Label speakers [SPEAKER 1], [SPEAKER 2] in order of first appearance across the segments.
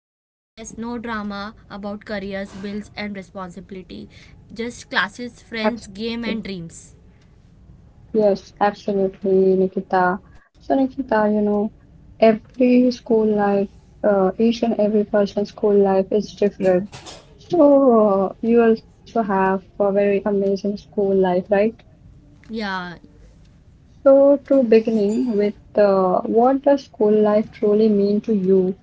[SPEAKER 1] No stress, no drama about careers, bills, and responsibility. Just classes, friends, game,
[SPEAKER 2] Absolutely.
[SPEAKER 1] and dreams.
[SPEAKER 2] Yes, absolutely, Nikita. So, Nikita, you know, every school life, each and every person's school life is different. So, you also have a very amazing school life, right?
[SPEAKER 1] Yeah.
[SPEAKER 2] So, to beginning with, what does school life truly mean to you?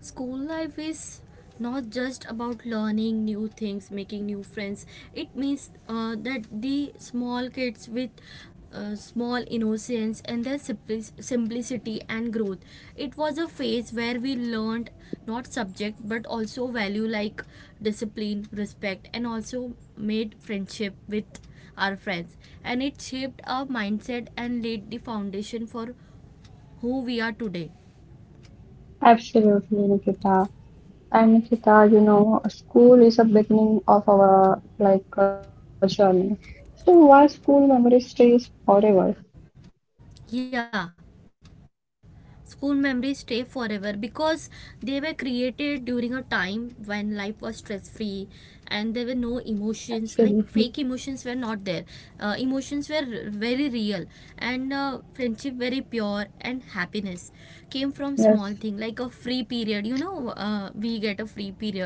[SPEAKER 1] School life is not just about learning new things, making new friends. It means that the small kids with small innocence and their simplicity and growth. It was a phase where we learned not subject but also value like discipline, respect, and also made friendship with our friends. And it shaped our mindset and laid the foundation for who we are today.
[SPEAKER 2] Absolutely, Nikita. And Nikita, you know, school is a beginning of our like a journey. So, why school memory stays forever?
[SPEAKER 1] Yeah. School memories stay forever because they were created during a time when life was stress free and there were no emotions like
[SPEAKER 2] Absolutely.
[SPEAKER 1] fake emotions were not there. Emotions were very real and friendship very pure and happiness came from small thing
[SPEAKER 2] Yes.
[SPEAKER 1] like a free period we get a free period,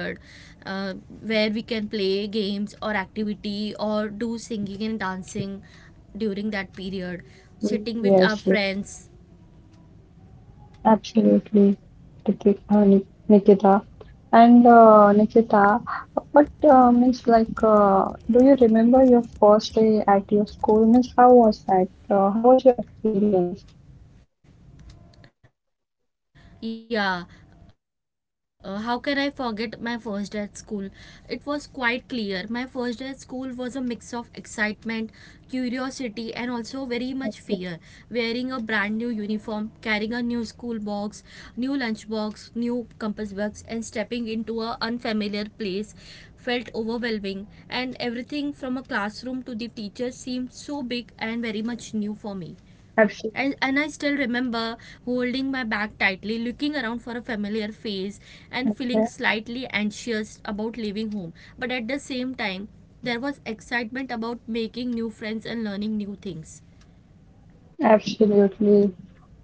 [SPEAKER 1] uh, where we can play games or activity or do singing and dancing during that period sitting with our
[SPEAKER 2] Yes. Yes.
[SPEAKER 1] friends.
[SPEAKER 2] Absolutely, Nikita. And Nikita, what means like, do you remember your first day at your school? Means how was that? How was your experience?
[SPEAKER 1] Yeah. How can I forget my first day at school? It was quite clear. My first day at school was a mix of excitement, curiosity, and also very much fear. Wearing a brand new uniform, carrying a new school box, new lunch box, new compass box, and stepping into a unfamiliar place felt overwhelming. And everything from a classroom to the teacher seemed so big and very much new for me. And I still
[SPEAKER 2] Absolutely,
[SPEAKER 1] remember holding my bag tightly, looking around for a familiar face, and feeling
[SPEAKER 2] yeah,
[SPEAKER 1] slightly anxious about leaving home. But at the same time, there was excitement about making new friends and learning new things.
[SPEAKER 2] absolutely.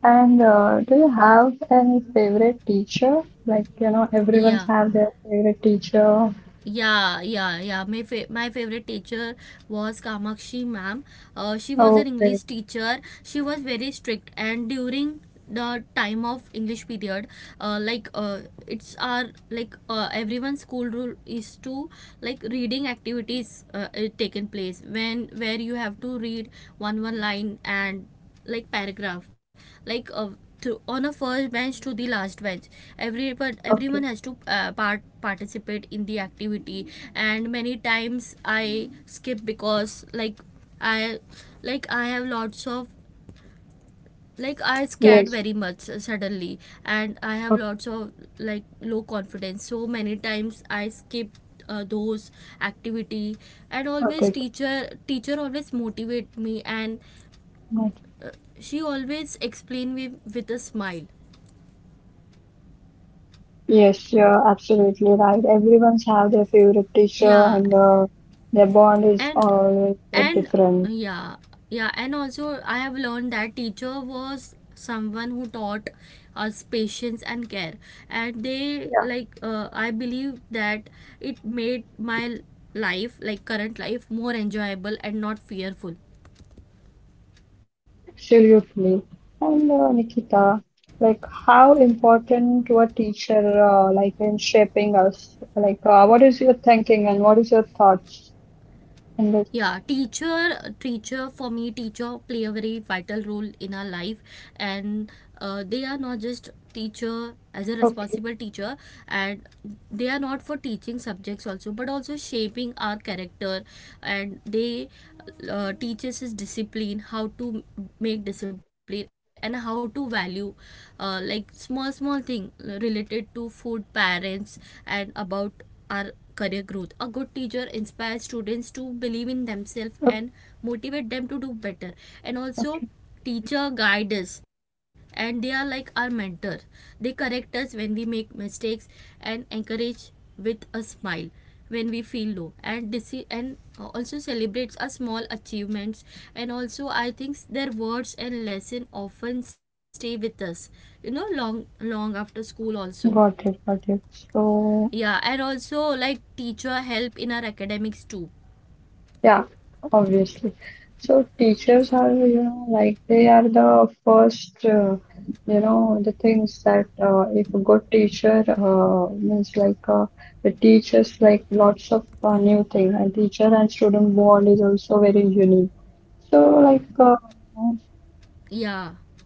[SPEAKER 2] And do you have any favorite teacher? Like, you know,
[SPEAKER 1] Yeah,
[SPEAKER 2] everyone's have their favorite teacher.
[SPEAKER 1] yeah, yeah, yeah. My favorite teacher was Kamakshi ma'am. She was an
[SPEAKER 2] Oh,
[SPEAKER 1] English
[SPEAKER 2] great.
[SPEAKER 1] teacher. She was very strict, and during the time of English period, like it's our like everyone's school rule is to like reading activities taken place when where you have to read one line and like paragraph like to, on a first bench to the last bench every but
[SPEAKER 2] Okay.
[SPEAKER 1] everyone has to participate in the activity. And many times I skip because like I like I have lots of like I scared
[SPEAKER 2] Yes.
[SPEAKER 1] very much suddenly and I have lots of like low confidence so many times I skip those activity. And always
[SPEAKER 2] Okay.
[SPEAKER 1] teacher always motivate me and
[SPEAKER 2] Got it.
[SPEAKER 1] she always explain me with a smile.
[SPEAKER 2] Yes, you're absolutely right. Everyone's have their favorite teacher
[SPEAKER 1] Yeah,
[SPEAKER 2] and their bond is
[SPEAKER 1] and
[SPEAKER 2] always
[SPEAKER 1] and
[SPEAKER 2] different.
[SPEAKER 1] yeah, yeah, and also I have learned that teacher was someone who taught us patience and care, and they
[SPEAKER 2] Yeah.
[SPEAKER 1] like I believe that it made my life like current life more enjoyable and not fearful.
[SPEAKER 2] Absolutely. And Nikita, like how important to a teacher like in shaping us? Like what is your thinking and what is your thoughts? And
[SPEAKER 1] Yeah.
[SPEAKER 2] this,
[SPEAKER 1] Teacher for me teacher play a very vital role in our life, and they are not just teacher as a
[SPEAKER 2] okay,
[SPEAKER 1] responsible teacher, and they are not for teaching subjects also but also shaping our character, and they teaches us discipline how to make discipline and how to value like small small thing related to food parents and about our career growth. A good teacher inspires students to believe in themselves
[SPEAKER 2] okay,
[SPEAKER 1] and motivate them to do better. And also, teacher guide us and they are like our mentor. They correct us when we make mistakes and encourage with a smile when we feel low and this and also celebrates our small achievements, and also I think their words and lesson often stay with us long long after school also.
[SPEAKER 2] got it, got it.
[SPEAKER 1] Yeah,
[SPEAKER 2] So
[SPEAKER 1] and also like teacher help in our academics too.
[SPEAKER 2] yeah, obviously. So teachers are, you know, like they are the first, you know, the things that if a good teacher means like it teaches like lots of new thing, and teacher and student bond is also very unique. So like,
[SPEAKER 1] Yeah.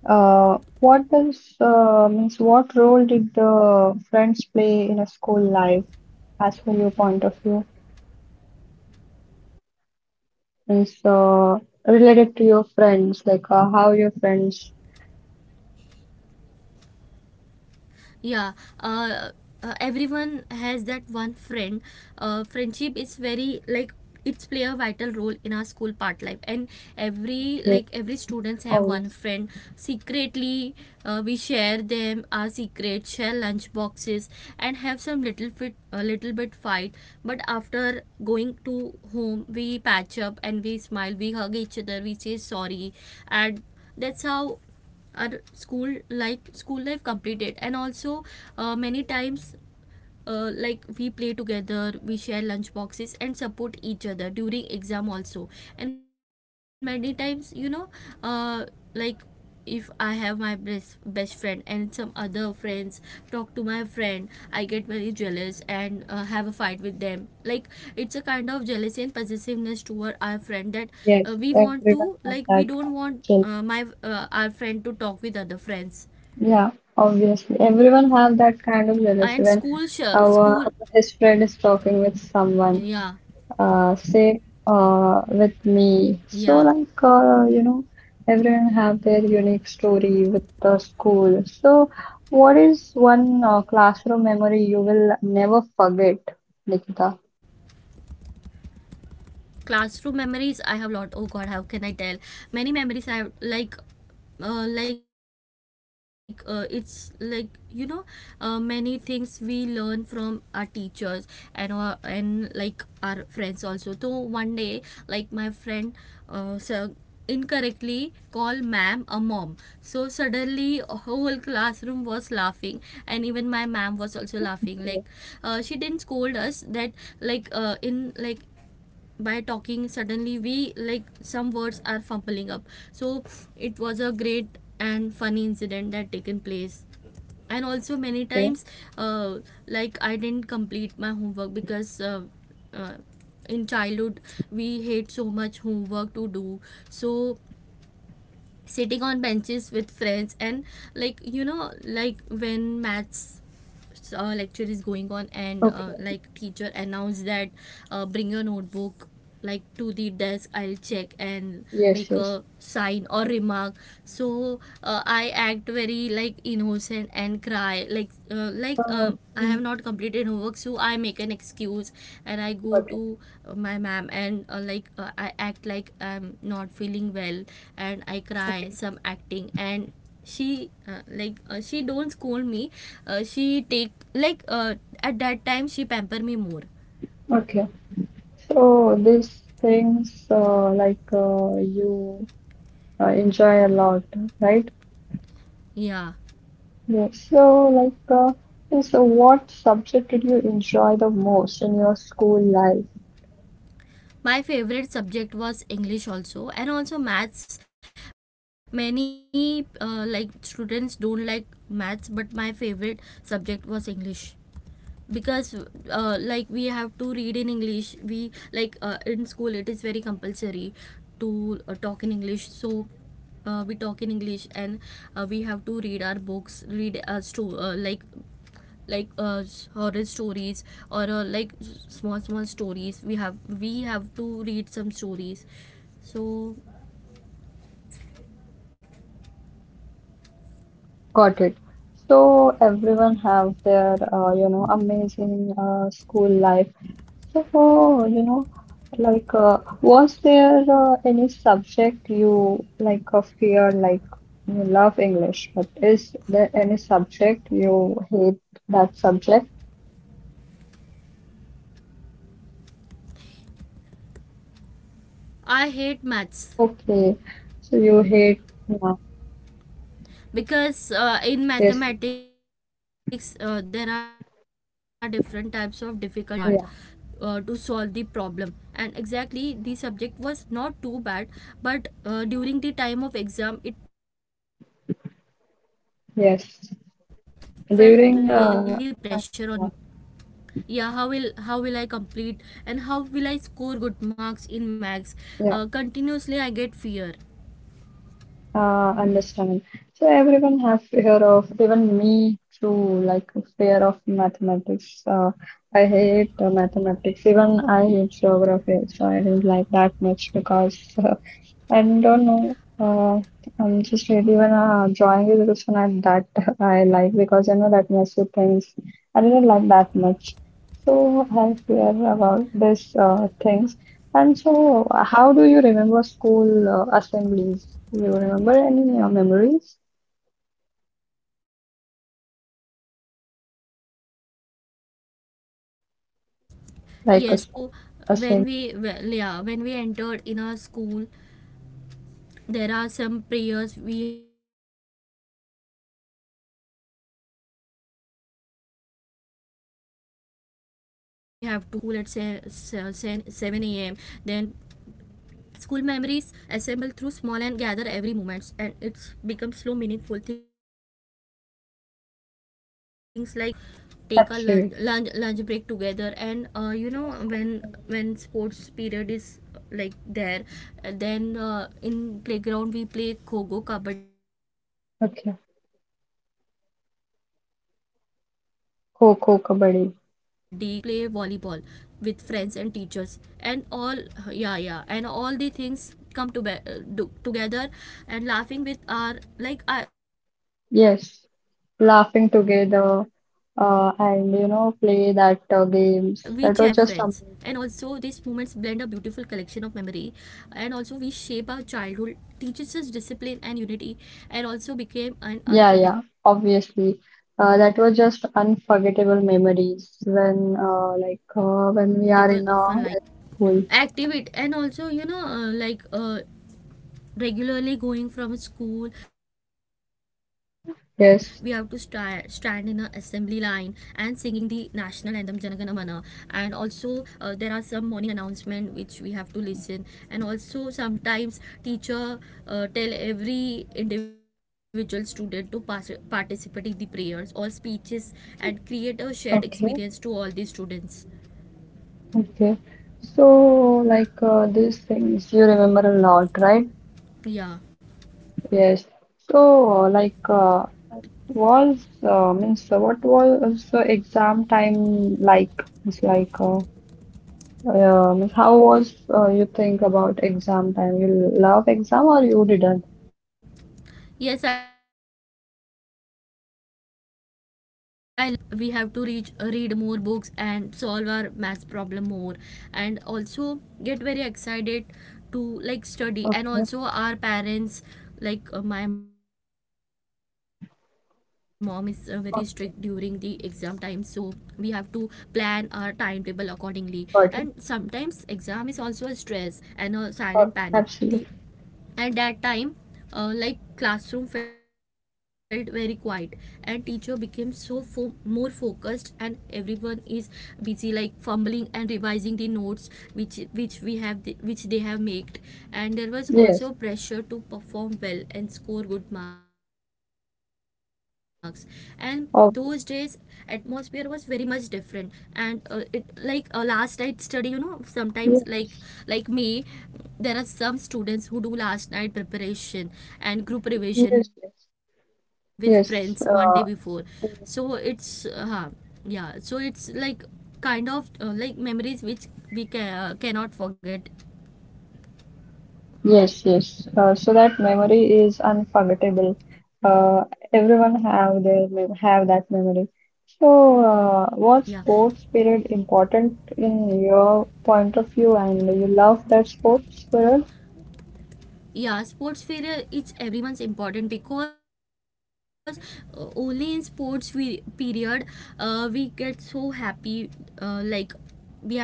[SPEAKER 2] what does means what role did the friends play in a school life as per your point of view?
[SPEAKER 1] Friendship.
[SPEAKER 2] And so related to your friends, like how your friends
[SPEAKER 1] Yeah, uh, everyone has that one friend. Friendship is very like it's play a vital role in our school part life, and every like every
[SPEAKER 2] behave,
[SPEAKER 1] students have one friend
[SPEAKER 2] obviously.
[SPEAKER 1] secretly. We share them our secrets, share lunch boxes, and have some little bit fight, but after going to home we patch up, and we smile, we hug each other, we say sorry, and that's how our school like school life completed. And also many times like we play together, we share lunch boxes, and support each other during exam also. And many times uh, like if I have my best best friend and some other friends talk to my friend, I get very jealous and have a fight with them like it's a kind of jealousy and possessiveness toward our friend that
[SPEAKER 2] Yes,
[SPEAKER 1] we
[SPEAKER 2] everyone
[SPEAKER 1] want
[SPEAKER 2] have
[SPEAKER 1] to
[SPEAKER 2] that
[SPEAKER 1] like
[SPEAKER 2] kind
[SPEAKER 1] we
[SPEAKER 2] of
[SPEAKER 1] don't
[SPEAKER 2] jealousy.
[SPEAKER 1] want my our friend to talk with other friends.
[SPEAKER 2] Yeah, obviously. Everyone have that kind of jealousy when
[SPEAKER 1] School,
[SPEAKER 2] our his friend is talking with
[SPEAKER 1] yeah,
[SPEAKER 2] someone. Say with me.
[SPEAKER 1] yeah.
[SPEAKER 2] So like you know, everyone have their unique story with the school. So what is one classroom memory you will never forget, Nikita?
[SPEAKER 1] Classroom memories I have lot. Oh God, how can I tell? Many memories I have like it's like many things we learn from our teachers and like our friends also. So one day like my friend so incorrectly called ma'am a mom, so suddenly whole classroom was laughing, and even my ma'am was also
[SPEAKER 2] Yeah.
[SPEAKER 1] laughing like she didn't scold us that like in like by talking suddenly we like some words are fumbling up. So it was a great and funny incident that taken place. And also many times uh, like I didn't complete my homework because uh, in childhood we hate so much homework to do. So sitting on benches with friends and like like when maths lecture is going on and
[SPEAKER 2] Okay.
[SPEAKER 1] like teacher announced that bring your notebook like to the desk, I'll check and
[SPEAKER 2] Yes,
[SPEAKER 1] make
[SPEAKER 2] yes.
[SPEAKER 1] a sign or remark. So I act very like innocent and cry like
[SPEAKER 2] Uh,
[SPEAKER 1] I
[SPEAKER 2] mm,
[SPEAKER 1] have not completed homework, so I make an excuse and I go
[SPEAKER 2] got it.
[SPEAKER 1] to my ma'am and like I act like I'm not feeling well and I cry
[SPEAKER 2] Okay.
[SPEAKER 1] some acting. And she like she don't scold me. She take like at that time she pamper me more.
[SPEAKER 2] Okay. So these things like you enjoy a lot, right?
[SPEAKER 1] Yeah.
[SPEAKER 2] Yes. So like yes, so what subject did you enjoy the most in your school life?
[SPEAKER 1] My favorite subject was English also and also maths. Many like students don't like maths, but my favorite subject was English because like we have to read in English we like in school it is very compulsory to talk in English. So we talk in English and we have to read our books, read our like horror stories or like small small stories we have to read some stories. So
[SPEAKER 2] Got it. So everyone have their you know amazing school life. So, you know, like, was there any subject you like fear? Like, you love English, but is there any subject you hate that subject?
[SPEAKER 1] I hate maths
[SPEAKER 2] Okay, so you hate,
[SPEAKER 1] because
[SPEAKER 2] yeah,
[SPEAKER 1] in mathematics there are different types of
[SPEAKER 2] yes,
[SPEAKER 1] difficulty sum, and sometimes it is very confusing and very hard
[SPEAKER 2] yeah,
[SPEAKER 1] to solve the problem. And exactly the subject was not too bad, but during the time of exam it felt really pressure on me
[SPEAKER 2] yes.
[SPEAKER 1] because like how
[SPEAKER 2] During
[SPEAKER 1] I will
[SPEAKER 2] time,
[SPEAKER 1] complete. Yeah,
[SPEAKER 2] yeah,
[SPEAKER 1] yeah, how will I complete and how will I score good marks in max.
[SPEAKER 2] yeah.
[SPEAKER 1] Continuously I get fear.
[SPEAKER 2] Understand. So everyone have fear of even me too, like fear of mathematics. I hate mathematics. Even I hate geography, so I didn't like that much because I don't know. I'm just really even drawing is also not that I like because I know that messy things. I didn't like that much. So I fear about this things. And so, how do you remember school assemblies? Do you remember any memories?
[SPEAKER 1] Yes, I remember that school assembly.
[SPEAKER 2] Like a
[SPEAKER 1] So
[SPEAKER 2] school
[SPEAKER 1] when
[SPEAKER 2] assembly?
[SPEAKER 1] we yeah, when we entered in our school, there are some prayers we have to start earlier, right? When we reach at school at 7 a.m. Then school memories assemble through small and gather every moments and it's become slow meaningful things like classroom activities we do, and we have to take a
[SPEAKER 2] Absolutely.
[SPEAKER 1] lunch break together. And
[SPEAKER 2] School
[SPEAKER 1] when
[SPEAKER 2] memories.
[SPEAKER 1] sports period is like there, then in playground we play kho-kho, kabaddi, cricket and
[SPEAKER 2] Okay.
[SPEAKER 1] also dosh hotch ball and also we play volleyball
[SPEAKER 2] Kho-kho,
[SPEAKER 1] with
[SPEAKER 2] kabaddi.
[SPEAKER 1] friends and teachers and all. Yeah, yeah, and all the things come to together and laughing with our like we cherish small small memories and
[SPEAKER 2] Yes. Laughing
[SPEAKER 1] get connected
[SPEAKER 2] together
[SPEAKER 1] with our friends, and
[SPEAKER 2] and,
[SPEAKER 1] also
[SPEAKER 2] you know,
[SPEAKER 1] these
[SPEAKER 2] play
[SPEAKER 1] moments
[SPEAKER 2] that
[SPEAKER 1] blend a beautiful
[SPEAKER 2] games. That
[SPEAKER 1] collection
[SPEAKER 2] was
[SPEAKER 1] of
[SPEAKER 2] just
[SPEAKER 1] memory.
[SPEAKER 2] amazing.
[SPEAKER 1] And also we shape our childhood, teaches us discipline and unity, and also became an unforgettable of our life part
[SPEAKER 2] Yeah, yeah, obviously. That was just unforgettable memories when, like, when we are in like, school.
[SPEAKER 1] activity. And also like regularly going from school we have to stand in an assembly
[SPEAKER 2] Yes.
[SPEAKER 1] line and singing the national anthem Janagana Mana. And also there are some morning announcement which we have to listen. And also sometimes teacher tell every individual student to participate in the prayers or speeches and create a shared experience
[SPEAKER 2] Okay.
[SPEAKER 1] to all the students.
[SPEAKER 2] Okay. So, like these things you remember a lot, right?
[SPEAKER 1] Yeah.
[SPEAKER 2] Yes. So, like, was means what was the exam time like? It's like, means how was you think about exam time? You love exam or you didn't?
[SPEAKER 1] Yes, I love exam cube because at that time, like we have to reach read more books and solve our math problem more, and also get very excited to like study. And
[SPEAKER 2] Okay,
[SPEAKER 1] also our parents, my mom is very strict during the exam time, so
[SPEAKER 2] oh,
[SPEAKER 1] we have to plan our timetable accordingly. And sometimes
[SPEAKER 2] got it.
[SPEAKER 1] exam is also a stress and a silent panic
[SPEAKER 2] Oh,
[SPEAKER 1] the
[SPEAKER 2] absolutely.
[SPEAKER 1] At that time, classroom felt very quiet and teacher became more focused, and everyone is busy like fumbling and revising the notes which they have made. And there was
[SPEAKER 2] Yes.
[SPEAKER 1] also pressure to perform well and score good marks. And those days atmosphere was very
[SPEAKER 2] Obvious.
[SPEAKER 1] much different. And it like last night study, sometimes like
[SPEAKER 2] Yes.
[SPEAKER 1] may there are some students who do last night preparation and group
[SPEAKER 2] Yes.
[SPEAKER 1] revision
[SPEAKER 2] Yes.
[SPEAKER 1] with friends one day before.
[SPEAKER 2] Yes.
[SPEAKER 1] so
[SPEAKER 2] Uh,
[SPEAKER 1] it's uh, yeah so it's like kind of memories which cannot forget.
[SPEAKER 2] yes, yes. So that memory is unforgettable. Uh, everyone
[SPEAKER 1] yeah
[SPEAKER 2] have their have that memory. So,
[SPEAKER 1] yeah
[SPEAKER 2] was sports period important in your point of view, and you love that sports period?
[SPEAKER 1] yeah sports period, it's everyone's important because only in period, we get so happy. uh, like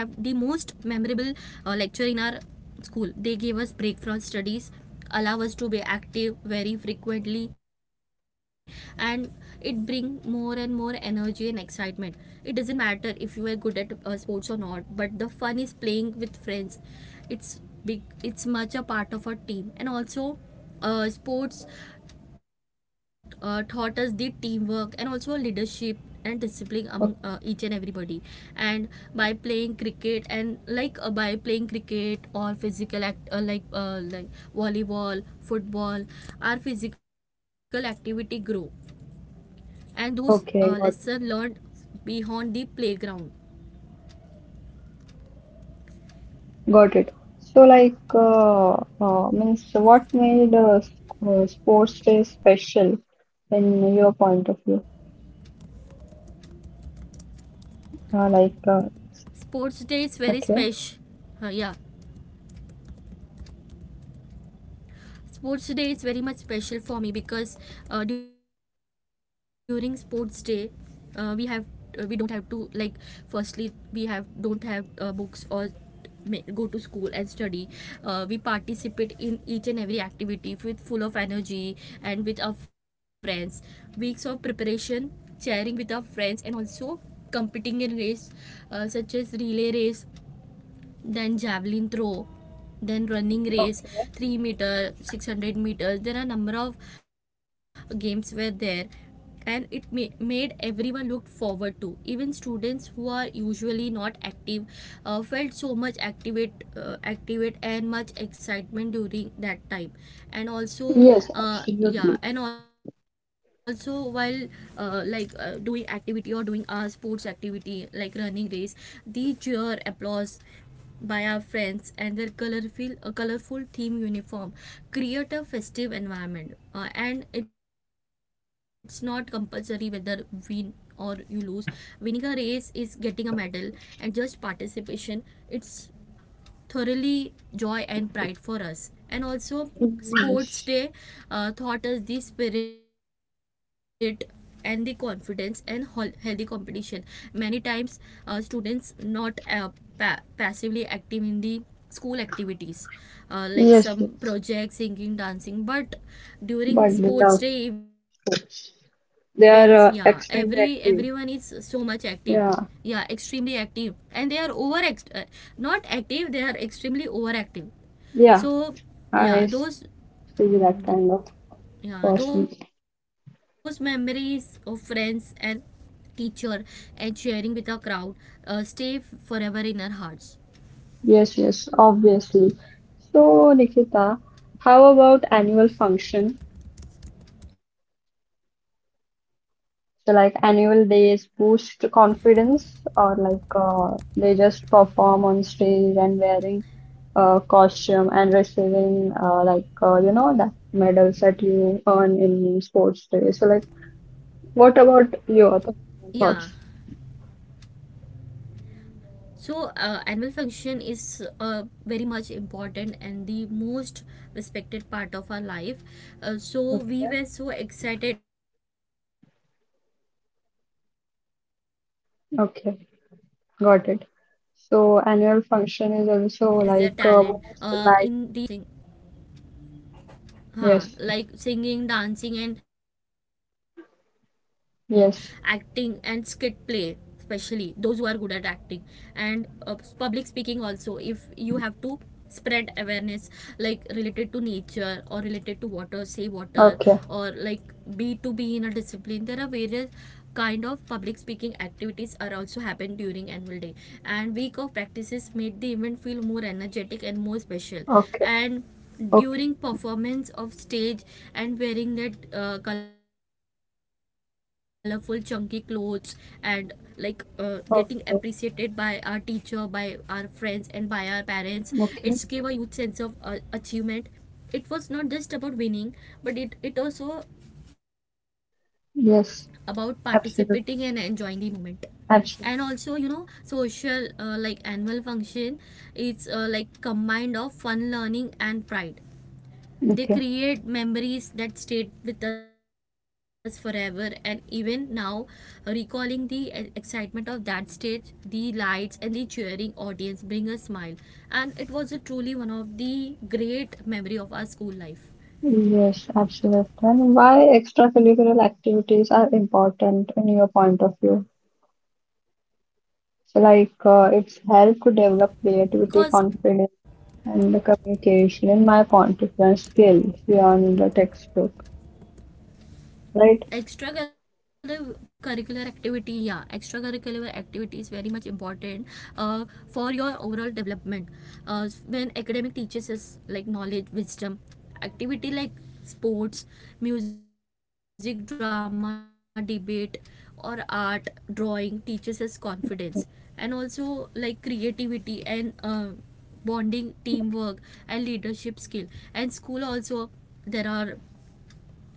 [SPEAKER 1] we have the most memorable lecture in our school. They gave us break from studies, allow us to be active very frequently, and it bring more and more energy and excitement. It doesn't matter if you were good at sports or not, but the fun is playing with friends. It's big it's much a part of a team. And also, sports taught us the teamwork and also leadership and discipline among
[SPEAKER 2] O-
[SPEAKER 1] each and everybody. And by playing cricket or physical act like volleyball, football, our physical activity grow, and those
[SPEAKER 2] Okay, got
[SPEAKER 1] lesson
[SPEAKER 2] it.
[SPEAKER 1] learned beyond the playground.
[SPEAKER 2] Got it. So, like, means what made sports day special in your point of view?
[SPEAKER 1] Sports day is very
[SPEAKER 2] Like,
[SPEAKER 1] special. uh, yeah
[SPEAKER 2] okay,
[SPEAKER 1] Sports day is very much special for me because during sports day, uh, we have we don't have to like, firstly, we have don't have books or go to school and study. We participate in each and every activity with full of energy and with our friends. Weeks of preparation, sharing with our friends, and also competing in race, such as relay race, then javelin throw, then running race, 3 meters meter, 600 meters. There are a number of games were there, and it may made everyone look forward to. Even students who are usually not active, felt so much activate and much excitement during that time. And also,
[SPEAKER 2] yes, absolutely.
[SPEAKER 1] yeah and also while doing activity or doing a sports activity like running race, the cheer applause by our friends and their colorful theme uniform create a festive environment. And it's not compulsory whether win or you lose. Winning a race is getting a medal and just participation. It's thoroughly joy and pride for us. And also sports
[SPEAKER 2] Yes,
[SPEAKER 1] day taught us the spirit and the confidence and healthy competition. Many times students not passively active in the school activities, like
[SPEAKER 2] yes,
[SPEAKER 1] some
[SPEAKER 2] yes.
[SPEAKER 1] projects, singing, dancing, but
[SPEAKER 2] But
[SPEAKER 1] during
[SPEAKER 2] without
[SPEAKER 1] sports day events, yeah,
[SPEAKER 2] sports.
[SPEAKER 1] every
[SPEAKER 2] They are
[SPEAKER 1] everyone is so
[SPEAKER 2] extremely
[SPEAKER 1] much active.
[SPEAKER 2] active.
[SPEAKER 1] Yeah, extremely
[SPEAKER 2] Yeah,
[SPEAKER 1] active. And they are not active, they are extremely overactive.
[SPEAKER 2] yeah,
[SPEAKER 1] So yeah,
[SPEAKER 2] I
[SPEAKER 1] those
[SPEAKER 2] see that
[SPEAKER 1] mm, th-
[SPEAKER 2] kind of
[SPEAKER 1] yeah,
[SPEAKER 2] person.
[SPEAKER 1] those memories of friends and teacher and sharing with a crowd stay forever in our hearts.
[SPEAKER 2] Yes, yes, obviously. So, Nikita, how about annual function?
[SPEAKER 1] Annual function is
[SPEAKER 2] So, like
[SPEAKER 1] also a
[SPEAKER 2] annual
[SPEAKER 1] great,
[SPEAKER 2] days boost confidence, or like they just perform on stage and wearing costume and receiving like you know that medals that you earn in sports day. So, like, what about
[SPEAKER 1] yeah.
[SPEAKER 2] your thoughts?
[SPEAKER 1] So, annual function is very much important and the most respected part of our life. So, we were so excited and memorable. There was a chance for students to showcase their
[SPEAKER 2] Okay,
[SPEAKER 1] talent
[SPEAKER 2] got it.
[SPEAKER 1] in the
[SPEAKER 2] So
[SPEAKER 1] various
[SPEAKER 2] annual
[SPEAKER 1] activity
[SPEAKER 2] function
[SPEAKER 1] like
[SPEAKER 2] is
[SPEAKER 1] singing,
[SPEAKER 2] also like
[SPEAKER 1] dancing.
[SPEAKER 2] most
[SPEAKER 1] Hmm.
[SPEAKER 2] like yes,
[SPEAKER 1] Huh, like singing, dancing, and acting and skit play,
[SPEAKER 2] yes.
[SPEAKER 1] especially those who are good at acting, and public speaking. Also, if you have to spread awareness like related to nature or related to water, save water,
[SPEAKER 2] Okay,
[SPEAKER 1] or like be to be in a discipline, there are various kind of public speaking activities are also happen during annual day. And week of practices made the event feel more energetic and more special.
[SPEAKER 2] okay,
[SPEAKER 1] And
[SPEAKER 2] okay,
[SPEAKER 1] during performance of stage and wearing that colorful chunky clothes and like getting appreciated
[SPEAKER 2] okay,
[SPEAKER 1] by our teacher, by our friends, and by our
[SPEAKER 2] okay.
[SPEAKER 1] parents, it's gave a huge sense of achievement. It was not just about winning, but it also
[SPEAKER 2] Yes,
[SPEAKER 1] about
[SPEAKER 2] absolutely,
[SPEAKER 1] participating and enjoying the moment.
[SPEAKER 2] absolutely.
[SPEAKER 1] And also, you know, social, annual function is like combined of fun, learning, and pride.
[SPEAKER 2] Okay,
[SPEAKER 1] They create memories that stayed with us forever, and even now, recalling the excitement of that stage, the lights, and the cheering audience bring a smile. And it was a truly one of the great memory of our school
[SPEAKER 2] yes,
[SPEAKER 1] life
[SPEAKER 2] absolutely. And why extracurricular activities are important in your point of view? So like
[SPEAKER 1] because
[SPEAKER 2] it's help to develop
[SPEAKER 1] continuously, yeah.
[SPEAKER 2] creativity, confidence, and the communication in my point of view and skills beyond the textbook, right?
[SPEAKER 1] Curricular activity, yeah, extra curricular activity is very much important uh, for your overall development. When academic teaches us like knowledge, wisdom, activity like sports, music, drama, debate, or art, drawing teaches us confidence and also like creativity and bonding, teamwork, and leadership skill. And school also, there are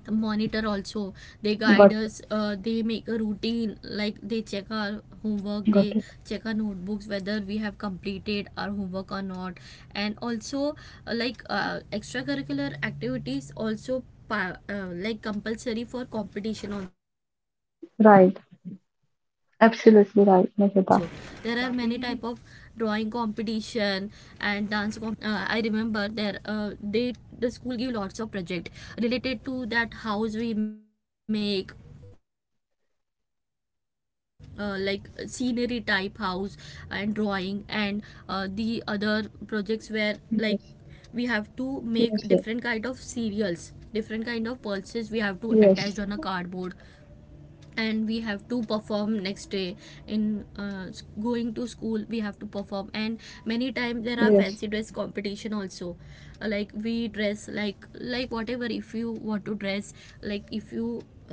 [SPEAKER 1] monitor also, they
[SPEAKER 2] Got
[SPEAKER 1] guide
[SPEAKER 2] it,
[SPEAKER 1] us, they make a routine like they check our homework,
[SPEAKER 2] got
[SPEAKER 1] they
[SPEAKER 2] it.
[SPEAKER 1] check our notebooks whether we have completed our homework or not. And also, extracurricular activities also compulsory for competition also. There are many type of
[SPEAKER 2] Right.
[SPEAKER 1] drawing competition
[SPEAKER 2] Absolutely right,
[SPEAKER 1] and dance
[SPEAKER 2] Nikita.
[SPEAKER 1] competition, yes. So there are even, at that time, I remember there, they, the school give lots of project related to that house we make, like scenery type house, and drawing and the other projects where, like, we have to
[SPEAKER 2] Yes,
[SPEAKER 1] make different kind of
[SPEAKER 2] yes,
[SPEAKER 1] cereals,
[SPEAKER 2] yes,
[SPEAKER 1] different kind of pulses, we have to attach on a cardboard,
[SPEAKER 2] yes,
[SPEAKER 1] and we have to perform next day in going to school. We have to perform. And many times there are fancy dress
[SPEAKER 2] yes.
[SPEAKER 1] competition also. Like, we dress like, whatever, if you want to dress, like if you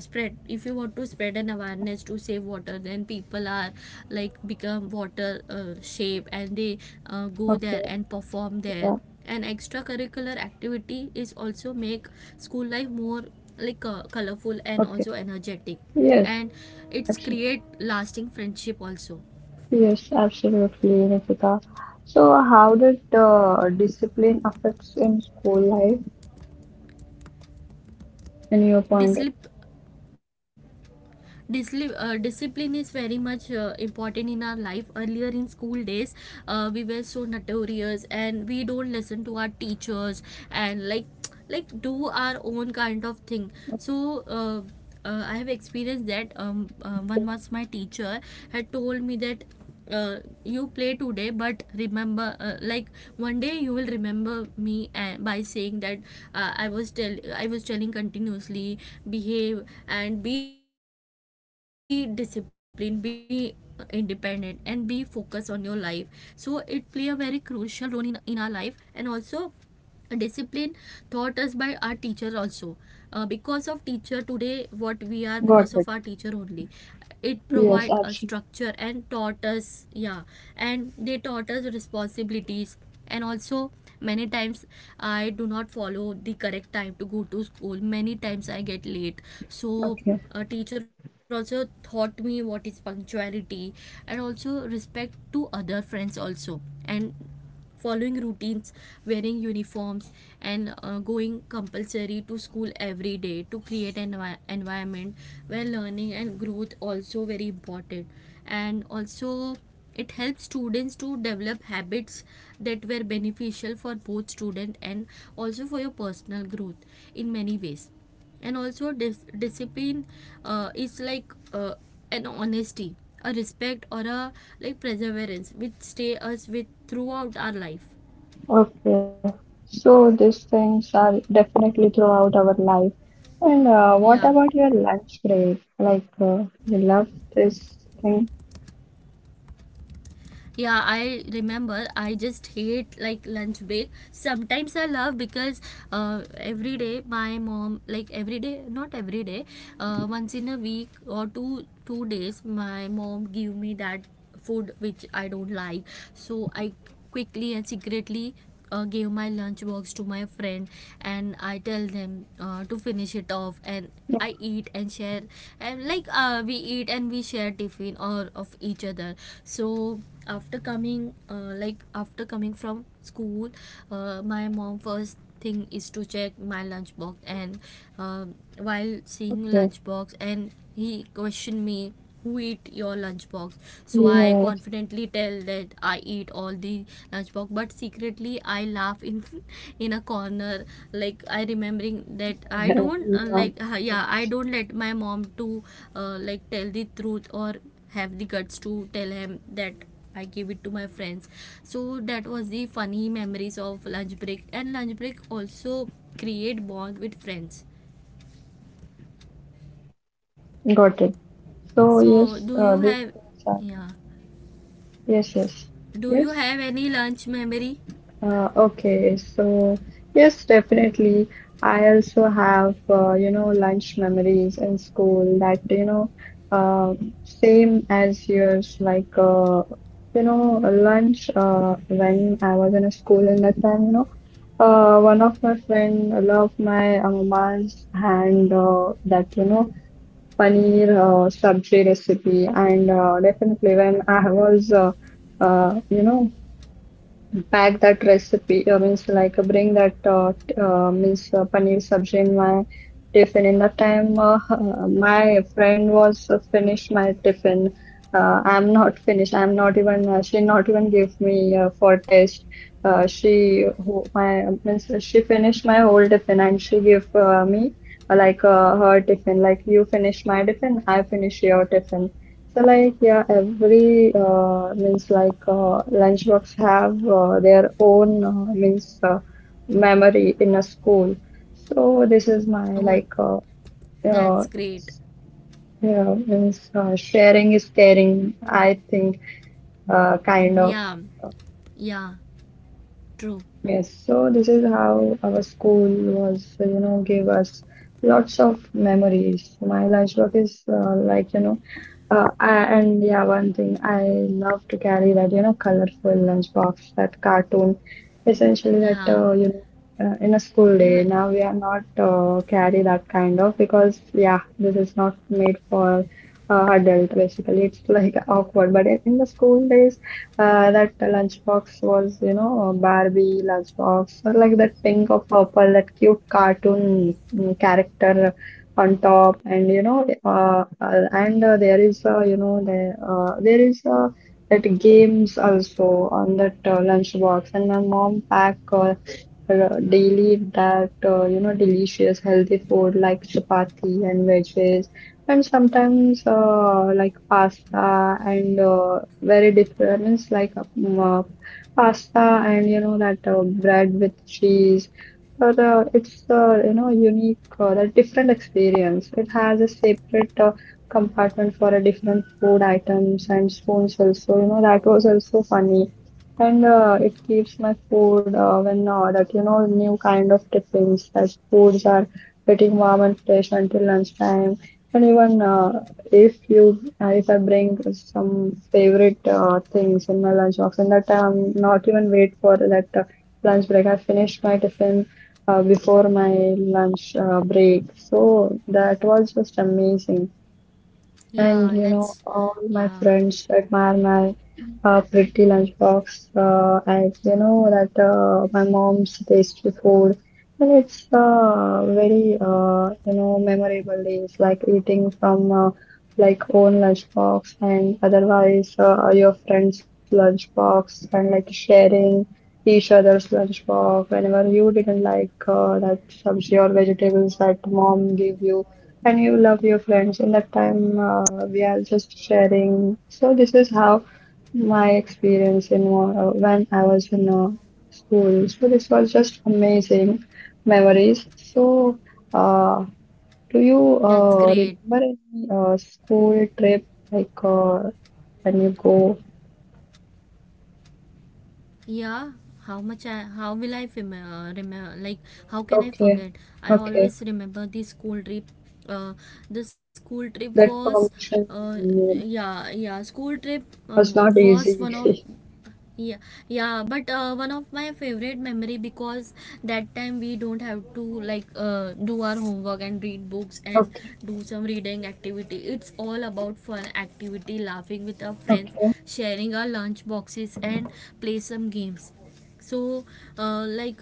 [SPEAKER 1] if you want to spread an awareness to save water, then people are like become water shape, and they go
[SPEAKER 2] Okay,
[SPEAKER 1] there and perform
[SPEAKER 2] yeah,
[SPEAKER 1] there. And extracurricular activity is also make school life more, colorful and
[SPEAKER 2] okay.
[SPEAKER 1] also energetic.
[SPEAKER 2] Yes,
[SPEAKER 1] And it's
[SPEAKER 2] absolutely.
[SPEAKER 1] create lasting friendship also.
[SPEAKER 2] Yes, absolutely, Nikita. So, how did discipline affects in school life in your point of
[SPEAKER 1] Discipline, discipline is very much important in our life. Earlier in school days, we were so notorious, and we don't listen to our teachers, and like do our own kind of thing. So I have experienced that one was my teacher had told me that, you play today, but remember, one day you will remember me, by saying that, I was telling continuously, behave and be disciplined, be independent, and be focused on your life. So it play a very crucial role in our life. And also discipline taught us by our teacher also, because of teacher today, what we are, because of our
[SPEAKER 2] got it.
[SPEAKER 1] teacher only. It provide a
[SPEAKER 2] Yes,
[SPEAKER 1] structure
[SPEAKER 2] absolutely.
[SPEAKER 1] and taught us, yeah. And they taught us responsibilities. And also, many times I do not follow the correct time to go to school, many times I get late, so
[SPEAKER 2] Okay,
[SPEAKER 1] a teacher also taught me what is punctuality and also respect to other friends also, and following routines, wearing uniforms, and going compulsory to school every day to create an environment where learning and growth also very important. And also, it helps students to develop habits that were beneficial for both student and also for your personal growth in many ways. And also discipline is like an honesty, a respect, or a like perseverance which stay us with throughout our life.
[SPEAKER 2] okay. So, these things are definitely throughout our life. And what about
[SPEAKER 1] Yeah,
[SPEAKER 2] your lunch break? Like, you love this thing?
[SPEAKER 1] yeah, I remember. I just hate like lunch break, sometimes I love, because every day my mom like every day, not every day, once in a week or two days, my mom give me that food which I don't like. So I quickly and secretly, gave my lunchbox to my friend and I tell them, to finish it off, and I eat and share, and we eat and we share tiffin or of each other. So after coming, after coming from school, my mom first thing is to check my lunchbox, and um, while seeing
[SPEAKER 2] Okay.
[SPEAKER 1] lunchbox, and he questioned me, who eat your lunchbox? So I
[SPEAKER 2] Yes.
[SPEAKER 1] confidently tell that I eat all the lunchbox, but secretly I laugh in in a corner, like I remembering that I
[SPEAKER 2] Yeah,
[SPEAKER 1] don't,
[SPEAKER 2] you are not wrong.
[SPEAKER 1] yeah, I don't let my mom to, tell the truth or have the guts to tell him that I give it to my friends. So that was the funny memories of lunch break, and lunch break also create bond with friends.
[SPEAKER 2] Got it.
[SPEAKER 1] So
[SPEAKER 2] So
[SPEAKER 1] do you
[SPEAKER 2] yes,
[SPEAKER 1] have,
[SPEAKER 2] these
[SPEAKER 1] yeah,
[SPEAKER 2] things are yes,
[SPEAKER 1] do you
[SPEAKER 2] yes,
[SPEAKER 1] have any
[SPEAKER 2] yes.
[SPEAKER 1] lunch memory?
[SPEAKER 2] Okay, so yes, definitely. I also have you know lunch memories in school that you know uh, same as yours. Like you know lunch when I was in a school in that time, you know. One of my friend loved my mom's hand that you know paneer sabzi recipe and definitely when I was you know pack that recipe means like bring that means paneer sabzi in my tiffin in that time my friend was finished my tiffin I'm not even she not even gave me for taste she my means she finished my whole tiffin and she gave me like her tiffin like you finish my tiffin I finish your tiffin. So like yeah, every means like lunchbox have their own means memory in a school. So this is
[SPEAKER 1] Oh,
[SPEAKER 2] my like
[SPEAKER 1] that's
[SPEAKER 2] uh,
[SPEAKER 1] great.
[SPEAKER 2] yeah means sharing is caring. I think kind
[SPEAKER 1] Mm,
[SPEAKER 2] of.
[SPEAKER 1] yeah, yeah, true.
[SPEAKER 2] Yes, so this is how our school was, you know, gave us lots of memories. My lunchbox is like, you know, I, and yeah, one thing I love to carry that, you know, colorful lunchbox, that cartoon, essentially that,
[SPEAKER 1] Yeah,
[SPEAKER 2] you know, in a school day.
[SPEAKER 1] even,
[SPEAKER 2] Now we are not carry that kind of because, yeah, this is not made for adult basically. It's like awkward, but in the school days, that lunchbox was, you know, a Barbie lunchbox, or like that pink or purple, that cute cartoon character on top, and you know, and there is, you know, there there is that games also on that lunchbox, and my mom pack. Daily that you know delicious healthy food like chapati and veggies and sometimes like pasta and very different means like pasta and you know that bread with cheese. But it's you know unique, that different experience. It has a separate compartment for a different food items and spoons also. You know that was also funny, and it keeps my food when that you know new kind of tiffins that foods are getting warm and fresh until lunchtime and even if I bring some favorite things in my lunchbox, and that I'm not even wait for that lunch break. I finished my tiffin before my lunch break, so that was just amazing. And you
[SPEAKER 1] yeah,
[SPEAKER 2] know,
[SPEAKER 1] let's,
[SPEAKER 2] all my
[SPEAKER 1] yeah,
[SPEAKER 2] friends admire my pretty lunchbox, as you know that my mom's tasty food, and it's very you know memorable days, like eating from like own lunchbox and otherwise your friend's lunchbox, and like sharing each other's lunchbox whenever you didn't like that sabzi or vegetables that mom gave you and you love your friends in that time we are just sharing. So this is how my experience in when I was in school, so this was just amazing memories. So uh, do you
[SPEAKER 1] that's great.
[SPEAKER 2] remember any school trip like when you go
[SPEAKER 1] Yeah, how much I, how can I forget?
[SPEAKER 2] okay
[SPEAKER 1] I always
[SPEAKER 2] okay
[SPEAKER 1] remember the school trip. Uh, the school trip
[SPEAKER 2] that
[SPEAKER 1] was,
[SPEAKER 2] permission
[SPEAKER 1] uh, yeah, yeah, school trip,
[SPEAKER 2] was not
[SPEAKER 1] was one of,
[SPEAKER 2] easy
[SPEAKER 1] yeah, yeah, but one of my favorite memory because that time we don't have to like, do our homework and read books and
[SPEAKER 2] okay
[SPEAKER 1] do some reading activity. It's all about fun activity, laughing with our friends,
[SPEAKER 2] okay
[SPEAKER 1] sharing our lunch boxes and play some games. So, uh, like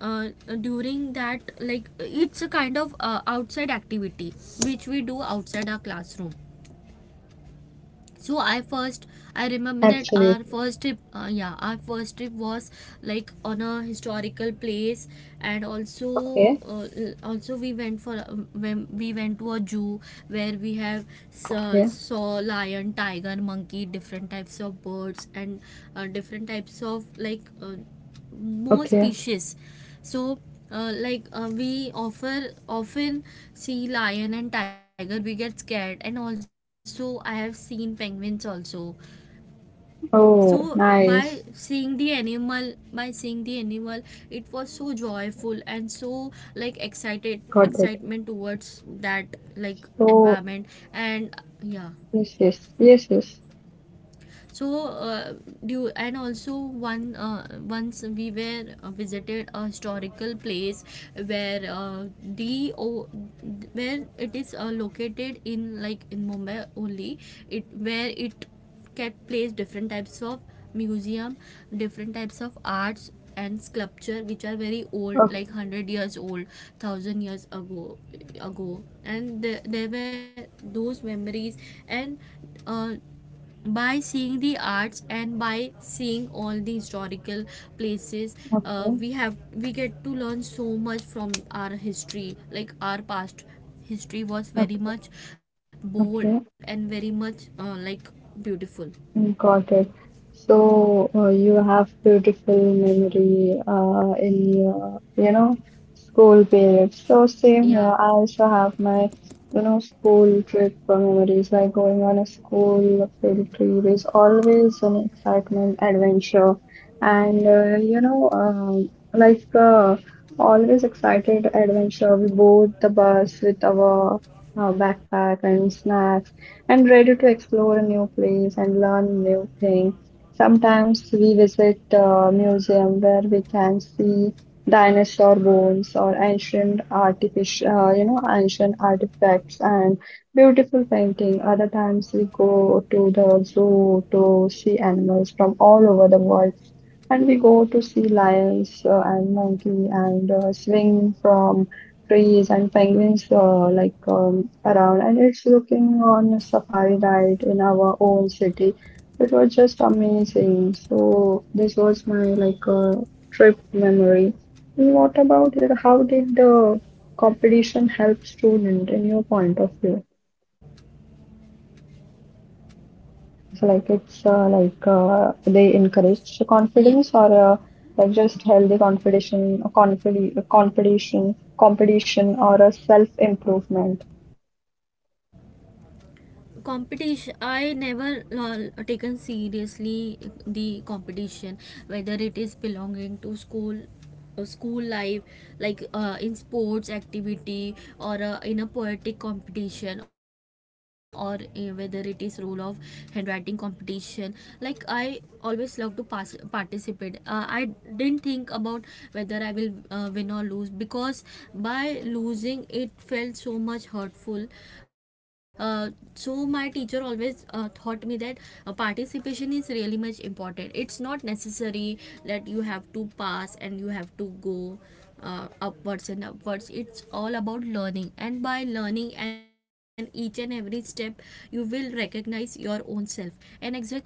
[SPEAKER 1] uh, during that, it's a kind of outside activity which we do outside our classroom. So I remember that our
[SPEAKER 2] absolutely
[SPEAKER 1] first trip yeah, our first trip was like on a historical place. And also
[SPEAKER 2] okay
[SPEAKER 1] also we went for when we went to a zoo where we have saw,
[SPEAKER 2] yeah
[SPEAKER 1] saw lion, tiger, monkey, different types of birds and different types of more
[SPEAKER 2] okay.
[SPEAKER 1] species. So we offer often see lion and tiger, we get scared, and also I have seen penguins also. So by
[SPEAKER 2] Oh,
[SPEAKER 1] seeing the
[SPEAKER 2] nice.
[SPEAKER 1] animal, it was so joyful and so like excited excitement
[SPEAKER 2] Got Mm, it.
[SPEAKER 1] towards that like environment.
[SPEAKER 2] So,
[SPEAKER 1] And yeah.
[SPEAKER 2] yes, yes, yes, yes.
[SPEAKER 1] So and also one once we were visited a historical place where where it is located in in Mumbai only. It where it can place different types of museum, different types of arts and sculpture which are very old, like
[SPEAKER 2] Okay,
[SPEAKER 1] 100 years old, 1,000 years ago and the, there were those memories. And uh, by seeing the arts and by seeing all the historical places,
[SPEAKER 2] okay,
[SPEAKER 1] we get to learn so much from our history, like our past history was very
[SPEAKER 2] okay,
[SPEAKER 1] much bold and
[SPEAKER 2] okay.
[SPEAKER 1] very much beautiful.
[SPEAKER 2] Got it. So you have beautiful memory in your, you know, school period. So same
[SPEAKER 1] Yeah.
[SPEAKER 2] here. I also have my, school trip memories, like going on a school field trip is always an excitement, adventure, and you know, like always excited adventure. We board the bus with our backpack and snacks and ready to explore a new place and learn new things. Sometimes we visit a museum where we can see dinosaur bones or ancient ancient artifacts and beautiful painting. Other times we go to the zoo to see animals from all over the world. And we go to see lions and monkey and swing from trees and penguins around, and it's looking on a safari ride in our own city. It was just amazing. So this was my trip memory. And what about your? How did the competition help student in your point of view? So like it's like they encourage confidence
[SPEAKER 1] Yeah.
[SPEAKER 2] or like just healthy competition, competition or a self improvement.
[SPEAKER 1] Competition I never taken seriously, the competition, whether it is belonging to school, school life, like in sports activity or in a poetic competition or whether it is role of handwriting competition. I always love to participate. I didn't think about whether I will win or lose, because by losing it felt so much hurtful. Uh, so my teacher always taught me that participation is really much important. It's not necessary that you have to pass and you have to go upwards and upwards. It's all about learning, and by learning and each and every step you will recognize your own self. And exactly,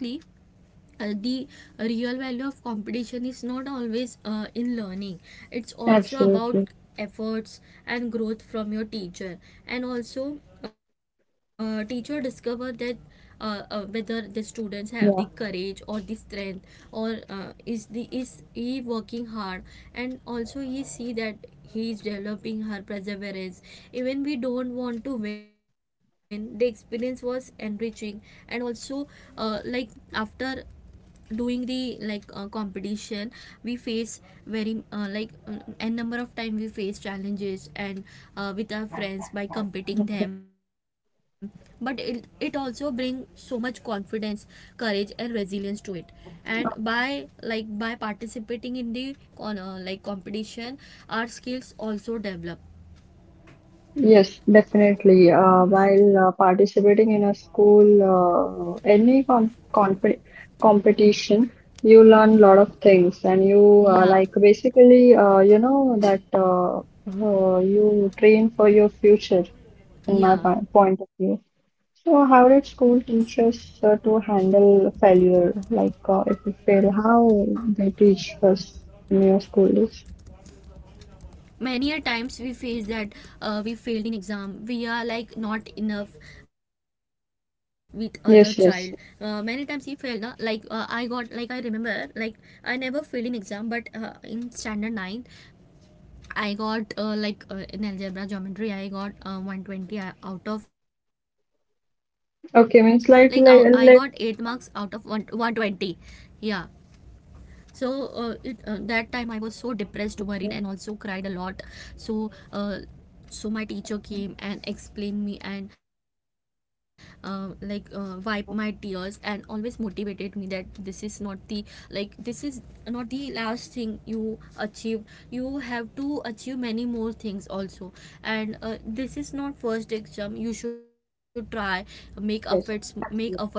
[SPEAKER 1] the real value of competition is not always in learning, it's also about
[SPEAKER 2] Absolutely.
[SPEAKER 1] efforts and growth from your teacher. And also teacher discover that whether the students have the
[SPEAKER 2] Yeah,
[SPEAKER 1] courage or the strength, or is he working hard. And also he see that he is developing her perseverance. Even we don't want to win, the experience was enriching. And also uh, like after doing the competition, we face very n number of time we face challenges and with our friends, by competing them. But it also bring so much confidence, courage and resilience to it. And by participating in the competition, our skills also develop.
[SPEAKER 2] yes, definitely. While participating in a school, any competition, you learn a lot of things, and you
[SPEAKER 1] Yeah.
[SPEAKER 2] like basically, you know, that you train for your future, in my
[SPEAKER 1] Yeah.
[SPEAKER 2] point of view. So, how did school teach us to handle failure? Like, if we fail, how they teach us in your school days?
[SPEAKER 1] Many a times we face that we failed in exam, we are like not enough with other child. Many times we
[SPEAKER 2] Yes,
[SPEAKER 1] failed, na?
[SPEAKER 2] yes.
[SPEAKER 1] I remember, I never failed in exam, but in standard ninth, I got in algebra geometry, I got 120 out of I got 8 marks out of
[SPEAKER 2] Okay,
[SPEAKER 1] 1
[SPEAKER 2] means
[SPEAKER 1] 120. Yeah. So that time I was so depressed, worried and also cried a
[SPEAKER 2] like.
[SPEAKER 1] lot. so uh, so my teacher came and explained me and wiped my tears and always motivated me that this is not the this is not the last thing you achieved. You have to achieve many more things also. And this is not first exam, you should try, make efforts, make
[SPEAKER 2] Yes,
[SPEAKER 1] efforts
[SPEAKER 2] absolutely.
[SPEAKER 1] more,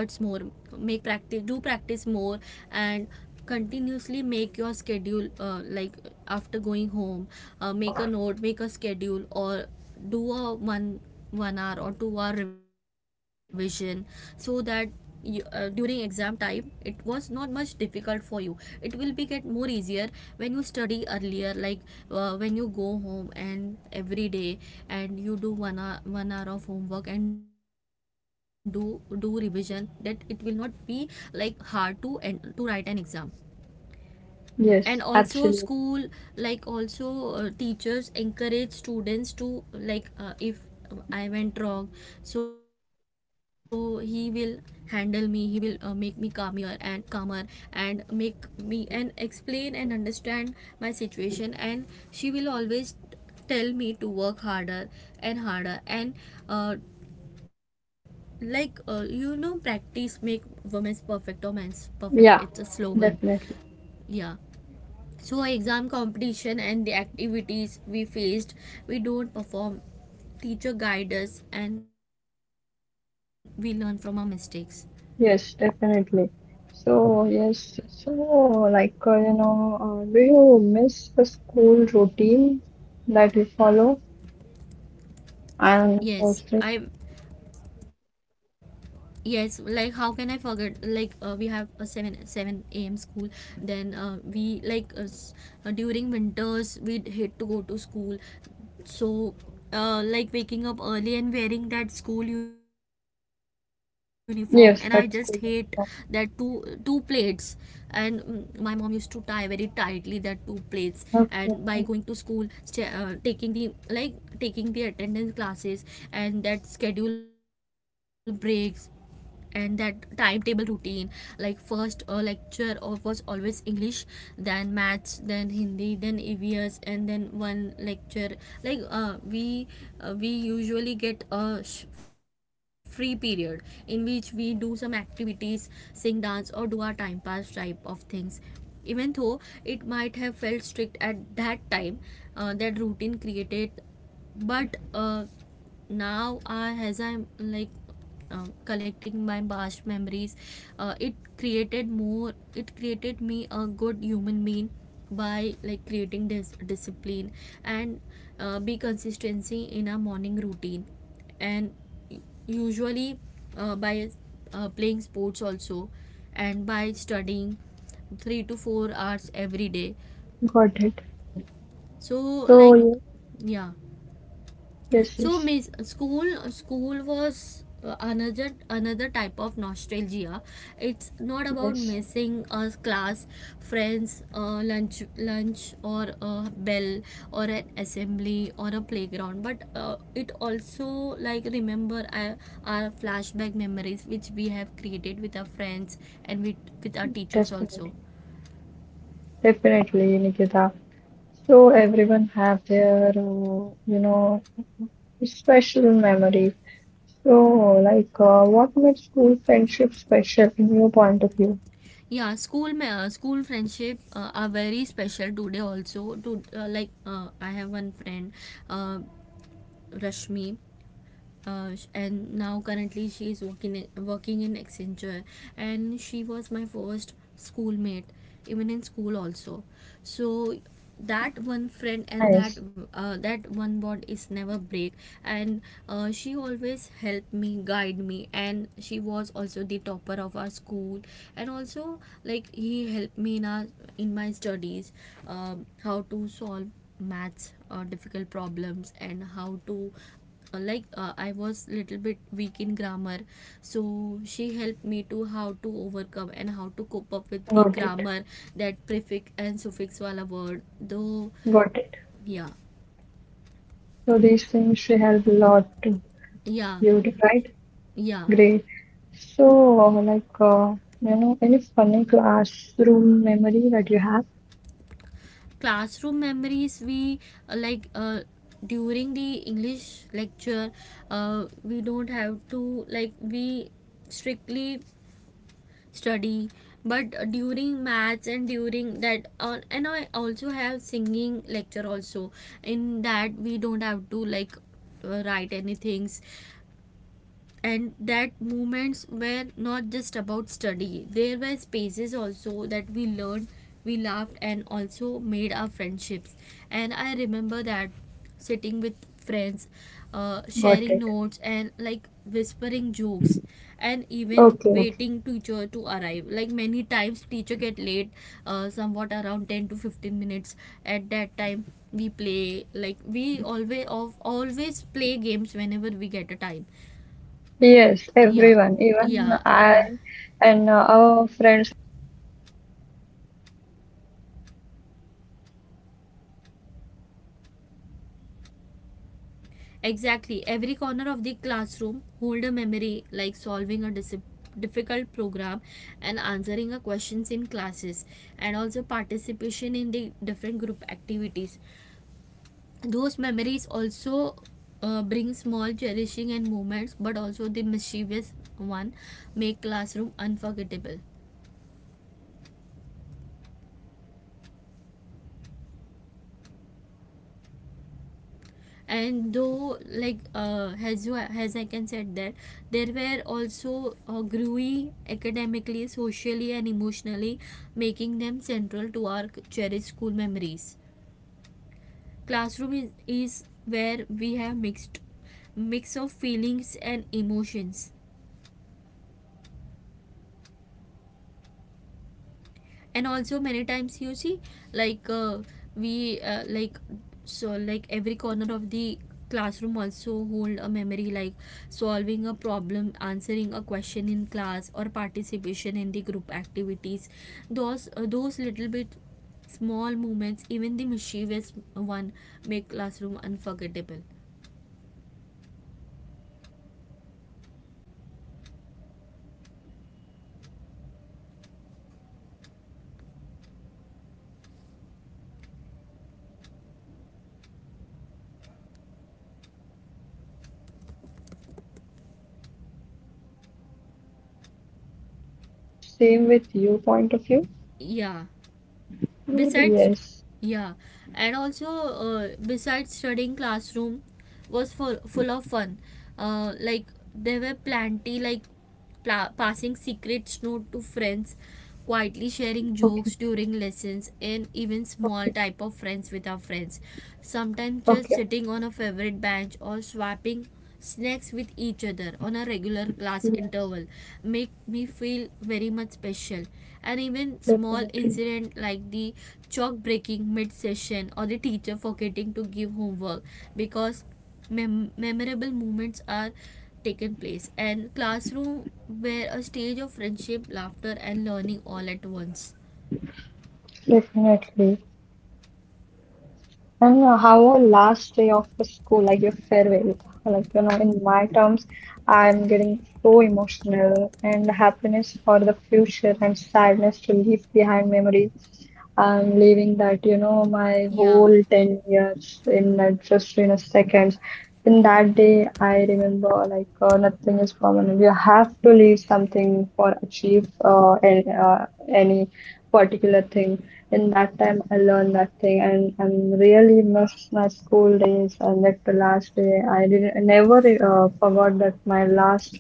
[SPEAKER 1] make practice, do practice more. And continuously make your schedule, after going home, make a note, make a schedule, or do a one hour or 2 hour revision, so that during exam time it was not much difficult for you, it will be get more easier. When you study earlier, like when you go home and every day, and you do 1 hour of homework and do revision, that it will not be like hard to and to write an exam. And
[SPEAKER 2] Yes,
[SPEAKER 1] also
[SPEAKER 2] absolutely.
[SPEAKER 1] school, like also teachers encourage students to if I went wrong, so he will handle me, he will make me calmer and calmer, and make me and explain and understand my situation. And she will always tell me to work harder and harder. And uh, you know, practice make women's perfect or men's perfect, it's a
[SPEAKER 2] Yeah,
[SPEAKER 1] slogan.
[SPEAKER 2] definitely.
[SPEAKER 1] Yeah. So exam, competition and the activities we faced, we don't perform, teacher guide us and we learn from our mistakes.
[SPEAKER 2] Yes, definitely. So, yes, so like, uh, you know, do you miss the school routine that you follow?
[SPEAKER 1] Yes,
[SPEAKER 2] And
[SPEAKER 1] I.
[SPEAKER 2] also,
[SPEAKER 1] Yes, like how can I forget? We have a seven a.m. school. Then during winters we hate to go to school. So waking up early and wearing that school uniform, and I just hate that
[SPEAKER 2] yes, that's
[SPEAKER 1] two
[SPEAKER 2] cool.
[SPEAKER 1] plates. And mm, my mom used to tie very tightly that two plates. And by going to
[SPEAKER 2] Okay,
[SPEAKER 1] school, taking the like taking the attendance classes, and that schedule breaks and that timetable routine. Like first lecture of was always English, then maths, then Hindi, then EVS, and then one lecture. like uh, we we usually get a free period in which we do some activities, sing, dance, or do our time pass type of things. Even though it might have felt strict at that time, that routine created, but now I, as I'm like collecting my past memories, it created me a good human being by like creating this discipline. And be consistency in a morning routine, and u- usually by playing sports also, and by studying 3 to 4 hours every day.
[SPEAKER 2] got it.
[SPEAKER 1] so
[SPEAKER 2] So,
[SPEAKER 1] like
[SPEAKER 2] yes,
[SPEAKER 1] yeah.
[SPEAKER 2] yes,
[SPEAKER 1] So
[SPEAKER 2] yes,
[SPEAKER 1] school was another type of nostalgia. It's not about
[SPEAKER 2] yes,
[SPEAKER 1] missing a class, friends, lunch or a bell or an assembly or a playground. But it also like remember our flashback memories which we have created with our friends and with our teachers
[SPEAKER 2] definitely.
[SPEAKER 1] also.
[SPEAKER 2] Definitely, Nikita. So everyone have their, special memories. So, what made school friendship special in your point of view?
[SPEAKER 1] Yeah, school school friendship are very special today also. To like I have one friend, uh, Rashmi. And now currently she is working, working in Accenture, and she was my first schoolmate, even in school also. So that one friend and that
[SPEAKER 2] Nice.
[SPEAKER 1] that one bond is never break. And she always helped me, guide me, and she was also the topper of our school. And also like he helped me in our, in my studies, how to solve maths difficult problems and how to I was little bit weak in grammar, so she helped me to how to overcome and how to cope up with the
[SPEAKER 2] Got it.
[SPEAKER 1] grammar, that prefix and suffix wala word though.
[SPEAKER 2] Got it.
[SPEAKER 1] Yeah.
[SPEAKER 2] So these things she help a lot to
[SPEAKER 1] Yeah.
[SPEAKER 2] you, right?
[SPEAKER 1] Yeah.
[SPEAKER 2] Great. So, any funny classroom memory that you have?
[SPEAKER 1] Classroom memories we uh, like uh, during the English lecture, we don't have to like we strictly study. But during maths, and during that and I also have singing lecture also, in that we don't have to write any things. And that movements were not just about study, there were spaces also that we learned, we laughed and also made our friendships. And I remember that sitting with friends,
[SPEAKER 2] Got
[SPEAKER 1] sharing
[SPEAKER 2] it.
[SPEAKER 1] notes and like whispering jokes, and even
[SPEAKER 2] Okay, okay.
[SPEAKER 1] waiting teacher to arrive, like many times teacher get late somewhat around 10 to 15 minutes. At that time we play, like we always play games whenever we get a time.
[SPEAKER 2] Yes,
[SPEAKER 1] Yeah,
[SPEAKER 2] everyone, even
[SPEAKER 1] yeah,
[SPEAKER 2] I
[SPEAKER 1] yeah.
[SPEAKER 2] and our friends.
[SPEAKER 1] Exactly. Every corner of the classroom hold a memory, like solving a difficult program and answering a questions in classes, and also participation in the different group activities. Those memories also bring small cherishing and moments, but also the mischievous one make classroom unforgettable. And though, as you as I can said that there were also grewy academically, socially, and emotionally, making them central to our cherished school memories. Classroom is where we have mix of feelings and emotions. And also, many times you see, like we like so like every corner of the classroom also hold a memory, like solving a problem, answering a question in class, or participation in the group activities. Those uh, those little bit small moments, even the mischievous one, make classroom unforgettable.
[SPEAKER 2] Same with your point of view?
[SPEAKER 1] Yeah.
[SPEAKER 2] Mm,
[SPEAKER 1] Besides,
[SPEAKER 2] yes.
[SPEAKER 1] yeah. And also, besides studying, classroom was full of fun. uh, like there were plenty, like passing secrets note to friends, quietly sharing
[SPEAKER 2] Okay.
[SPEAKER 1] jokes during lessons, and even
[SPEAKER 2] Okay.
[SPEAKER 1] small type of friends with our friends. Sometimes just
[SPEAKER 2] Okay.
[SPEAKER 1] sitting on a favorite bench or swapping snacks with each other on a regular class
[SPEAKER 2] Yes.
[SPEAKER 1] interval make me feel very much special. And even small
[SPEAKER 2] Definitely.
[SPEAKER 1] incident like the chalk breaking mid session or the teacher forgetting to give homework, because memorable moments are taken place, and classroom were a stage of friendship, laughter, and learning all at once.
[SPEAKER 2] Definitely. And how was the last day of the school, like your farewell? Like, you know, in my terms, I'm getting so emotional and happiness for the future and sadness to leave behind memories. I'm leaving that, my whole
[SPEAKER 1] Yeah.
[SPEAKER 2] 10 years in a, just in a second. In that day, I remember nothing is permanent. You have to leave something for achieve any particular thing. In that time, I learned that thing, and really miss my school days. And that the last day, I never forgot that my last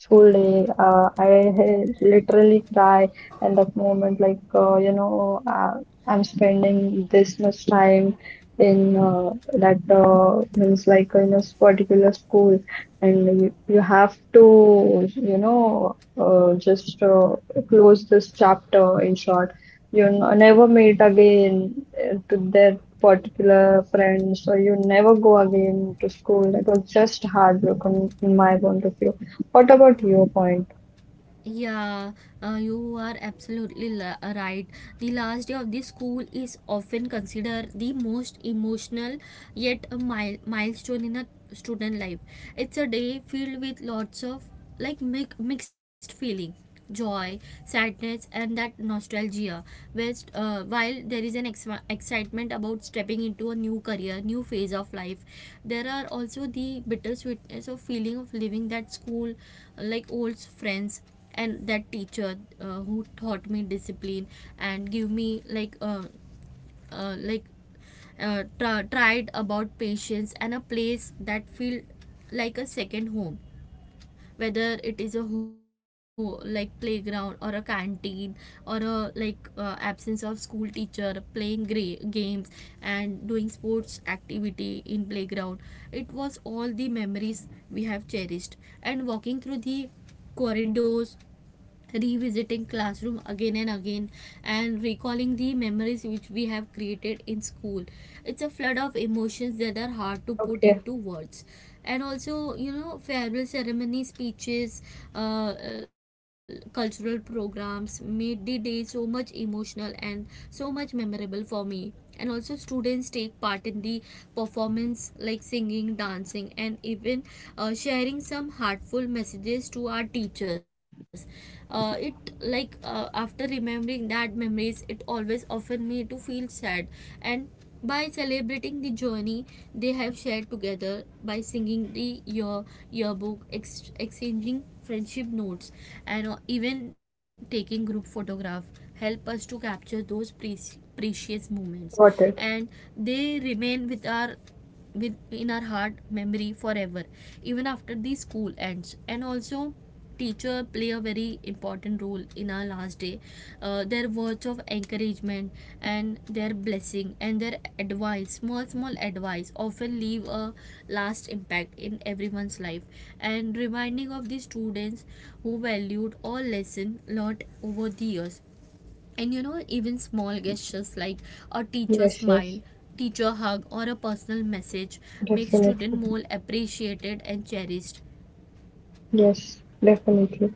[SPEAKER 2] school day. I had literally cry, and that moment I'm spending this much time in that means like in a particular school, and you have to you know just close this chapter. In short, you never meet again to their particular friends, or you never go again to school. That was just heartbroken in my point of view. What about your point?
[SPEAKER 1] Yeah, you are absolutely right. The last day of the school is often considered the most emotional, yet a milestone in a student life. It's a day filled with lots of, like, mixed feeling, joy, sadness, and that nostalgia. While there is an excitement about stepping into a new career, new phase of life, there are also the bittersweetness of feeling of leaving that school, like old friends, and that teacher who taught me discipline, and give me uh, like tried about patience, and a place that feel like a second home, whether it is a whole, like, playground or a canteen, or a absence of school teacher playing games and doing sports activity in playground. It was all the memories we have cherished, and walking through the corridors, revisiting classroom again and again, and recalling the memories which we have created in school, it's a flood of emotions that are hard to put
[SPEAKER 2] Okay,
[SPEAKER 1] into words. And also, you know, farewell ceremony speeches, cultural programs made the day so much emotional and so much memorable for me. And also, students take part in the performance, like singing, dancing, and even sharing some heartful messages to our teachers. It, after remembering that memories, it always often me to feel sad. And by celebrating the journey they have shared together, by singing the yearbook, exchanging friendship notes, and even taking group photograph, help us to capture those precious moments,
[SPEAKER 2] got
[SPEAKER 1] and
[SPEAKER 2] it.
[SPEAKER 1] they remain with in our heart memory forever, even after the school ends. And also, teacher play a very important role in our last day. Their words of encouragement, and their blessing, and their advice, small small advice, often leave a last impact in everyone's life, and reminding of the students who valued all lesson learned over the years. And you know, even small gestures like a
[SPEAKER 2] Yes,
[SPEAKER 1] teacher
[SPEAKER 2] yes.
[SPEAKER 1] smile, teacher hug, or a personal message
[SPEAKER 2] Definitely.
[SPEAKER 1] make student more appreciated and cherished.
[SPEAKER 2] Yes, definitely.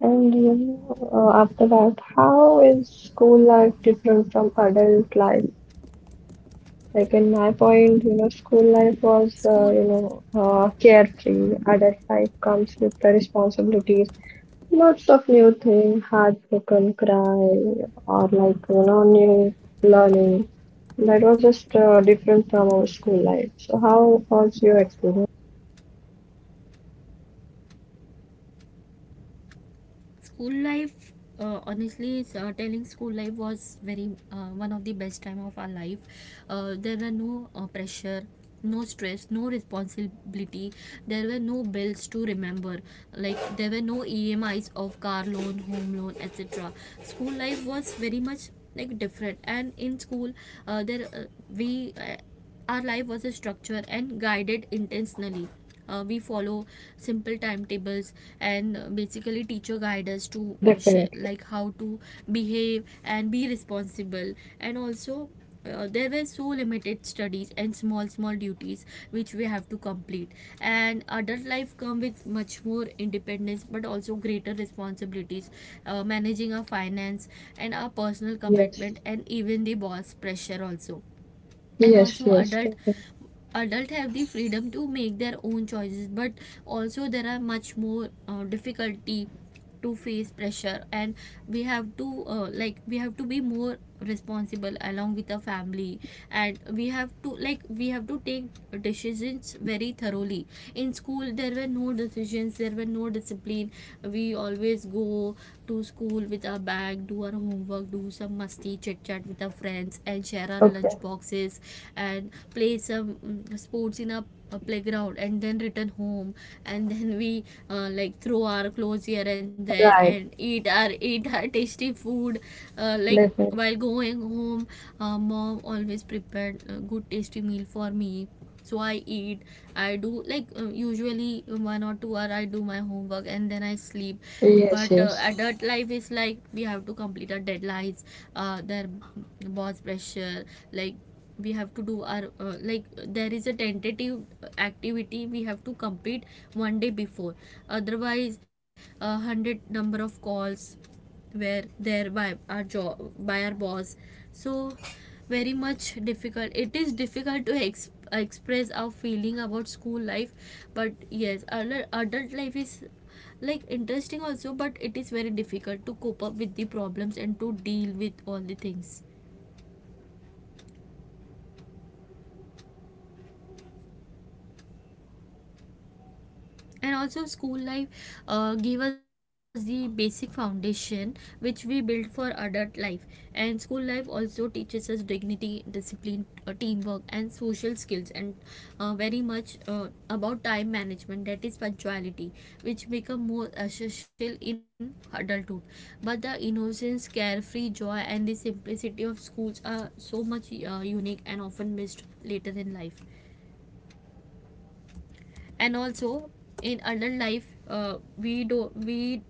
[SPEAKER 2] And you know, after that, how is school life different from adult life? Like in my point, school life was,
[SPEAKER 1] School
[SPEAKER 2] carefree. Adult life comes with the responsibilities, lots of new things, heartbroken cry, or like, you know, new learning. That was just different from our school life. So how was your experience?
[SPEAKER 1] School life, honestly, telling school life was very, one of the best time of our life. There were no, pressure, no stress, no responsibility. There were no bills to remember. Like there were no E M I's of car loan, home loan, etc. School life was very much, like, different, and in school, there we our life was a structure and guided intentionally. We follow simple timetables, and basically teacher guide us to, share, like how
[SPEAKER 2] Definitely.
[SPEAKER 1] to behave and be responsible. And also, there were so limited studies and small small duties which we have to complete. And adult life come with much more independence, but also greater responsibilities, managing our finance, and our personal
[SPEAKER 2] Yes.
[SPEAKER 1] commitment, and even the boss pressure also. And
[SPEAKER 2] Yes,
[SPEAKER 1] also,
[SPEAKER 2] yes,
[SPEAKER 1] adult
[SPEAKER 2] definitely.
[SPEAKER 1] adult have the freedom to make their own choices, but also there are much more difficulty to face pressure. And we have to, we have to be more responsible along with the family. And we have to, like, we have to take decisions very thoroughly. In school there were no decisions, there were no discipline. We always go to school with our bag, do our homework, do some musty chit chat with our friends, and share our
[SPEAKER 2] Okay,
[SPEAKER 1] lunch boxes, and play some sports in a playground, and then return home. And then we, throw our clothes here and there,
[SPEAKER 2] right,
[SPEAKER 1] and eat our eat our tasty food. uh, like
[SPEAKER 2] definitely.
[SPEAKER 1] while going home, mom always prepared a good tasty meal for me, so I eat, I do, usually 1 or 2 hour I do my homework, and then I sleep.
[SPEAKER 2] Yes,
[SPEAKER 1] But
[SPEAKER 2] yes.
[SPEAKER 1] adult life is, like, we have to complete our deadlines, their boss pressure, like we have to do our, there is a tentative activity we have to complete one day before, otherwise 100 number of calls were there by our job, by our boss. So very much difficult, it is difficult to express our feeling about school life. But yes, adult life is, like, interesting also, but it is very difficult to cope up with the problems and to deal with all the things. And also, school life gave us the basic foundation which we built for adult life. And school life also teaches us dignity, discipline, teamwork, and social skills, and very much about time management, that is punctuality, which become more essential in adulthood. But the innocence, carefree joy, and the simplicity of schools are so much unique and often missed later in life. And also, in adult life, we do we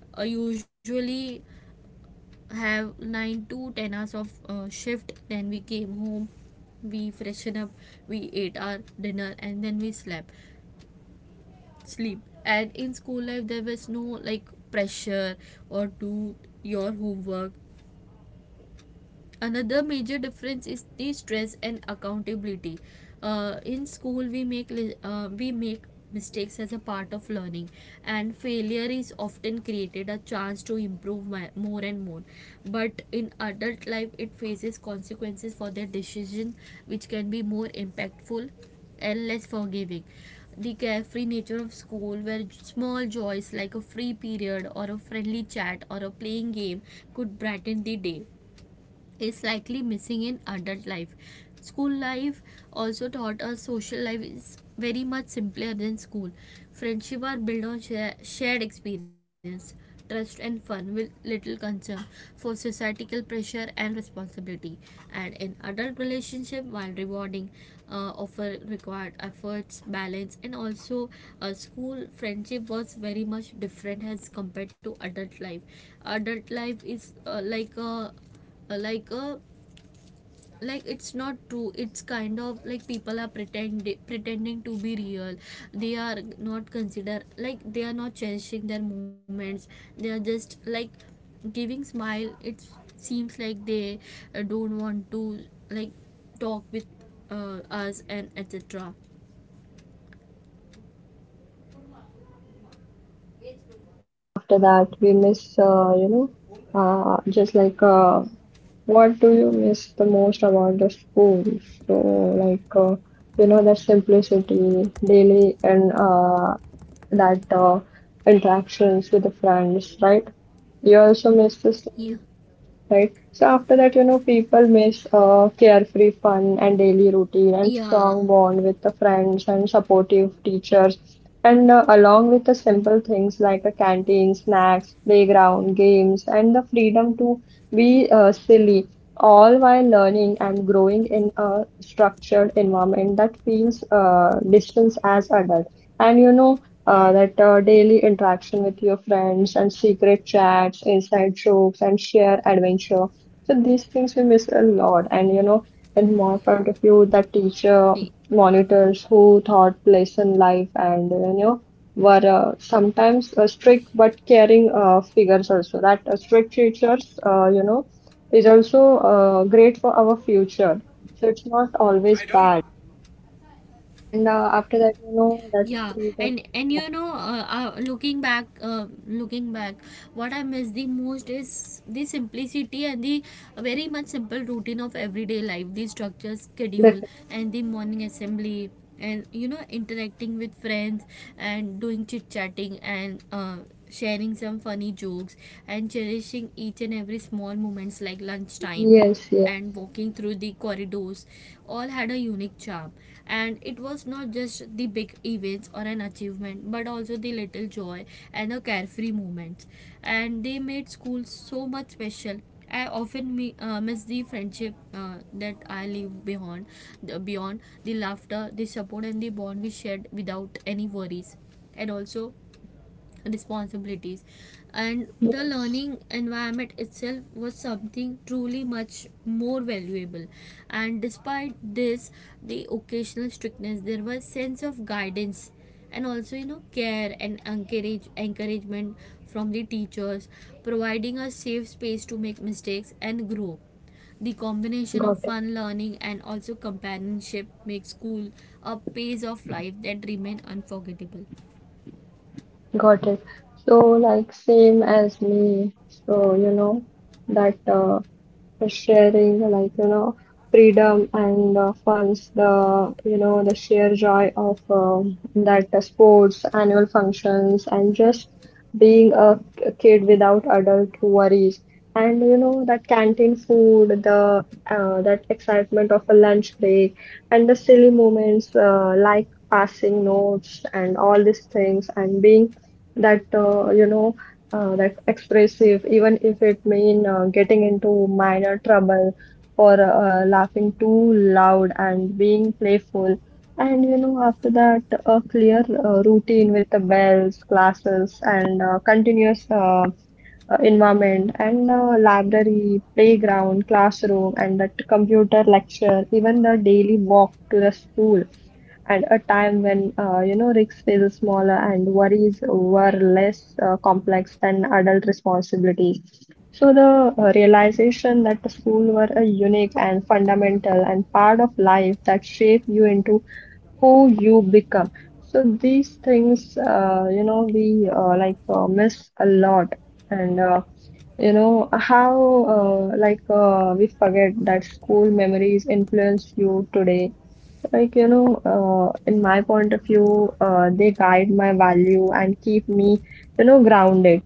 [SPEAKER 1] usually have 9 to 10 hours of shift, then we came home, we freshen up, we ate our dinner, and then we slept sleep. And in school life there was no, like, pressure or do your homework. Another major difference is the stress and accountability. In school we we make mistakes as a part of learning, and failure is often created a chance to improve my, more and more. But in adult life it faces consequences for their decision, which can be more impactful and less forgiving. The carefree nature of school, where small joys like a free period or a friendly chat or a playing game could brighten the day, is likely missing in adult life. School life also taught us social life is very much simpler than school. Friendship are built on shared experience, trust, and fun, with little concern for societal pressure and responsibility. And in adult relationship, while rewarding, offer required efforts, balance, and also, school friendship was very much different as compared to adult life. Adult life is, like a like like it's not true, it's kind of like people are pretending to be real, they are not consider, like, they are not cherishing their moments, they are just like giving smile. It seems like they don't want to, like, talk with, us, and etc.
[SPEAKER 2] After that, we miss, uh, just like, uh, what do you miss the most about the school? So, that simplicity daily and that interactions with the friends, right? You also miss the
[SPEAKER 1] Yeah,
[SPEAKER 2] same, right? So after that, you know, people miss carefree fun and daily routine and strong
[SPEAKER 1] yeah,
[SPEAKER 2] bond with the friends and supportive teachers. And along with the simple things like a canteen, snacks, playground, games, and the freedom to be silly, all while learning and growing in a structured environment that feels distance as adult. And you know, that daily interaction with your friends and secret chats, inside jokes, and shared adventure. So these things we miss a lot. And you know, in my point of
[SPEAKER 1] yeah.
[SPEAKER 2] view, that teacher monitors who taught lesson life and you know were sometimes strict but caring figures also. That strict teachers, is also great for our future. So it's not always bad. And after that, you know,
[SPEAKER 1] Yeah,
[SPEAKER 2] that
[SPEAKER 1] and
[SPEAKER 2] freedom.
[SPEAKER 1] and you know, looking back, what I miss the most is the simplicity and the very much simple routine of everyday life, the structure,
[SPEAKER 2] Yeah,
[SPEAKER 1] schedule, and the morning assembly, and you know, interacting with friends, and doing chit chatting, and sharing some funny jokes, and cherishing each and every small moments like lunchtime,
[SPEAKER 2] yes, yes,
[SPEAKER 1] and walking through the corridors, all had a unique charm. And it was not just the big events or an achievement, but also the little joy and the carefree moments, and they made school so much special. I often miss the friendship that I leave behind, beyond the laughter, the support, and the bond we shared without any worries. And also, responsibilities and the
[SPEAKER 2] yes.
[SPEAKER 1] learning environment itself was something truly much more valuable. And despite this, the occasional strictness, there was sense of guidance, and also you know, care and encouragement from the teachers, providing a safe space to make mistakes and grow. The combination
[SPEAKER 2] Got
[SPEAKER 1] of
[SPEAKER 2] it,
[SPEAKER 1] fun, learning, and also companionship makes school a pace of life that remain unforgettable.
[SPEAKER 2] got it. So, like, same as me. So, you know, that the sharing freedom and funds the you know the sheer joy of that sports annual functions and just being a kid without adult worries, and you know that canteen food, the that excitement of a lunch break, and the silly moments like passing notes and all these things and being that you know that's expressive, even if it mean getting into minor trouble or laughing too loud and being playful. And you know, after that, a clear routine with the bells, classes, and continuous environment and the library, playground, classroom, and the computer lecture, even the daily walk to the school, and a time when you know risks feel smaller and worries were less complex than adult responsibilities. So the realization that the school were a unique and fundamental and part of life that shape you into who you become. So these things, you know, we like miss a lot. And you know how we forget that school memories influence you today. Like you know, in my point of view, they guide my value and keep me, grounded.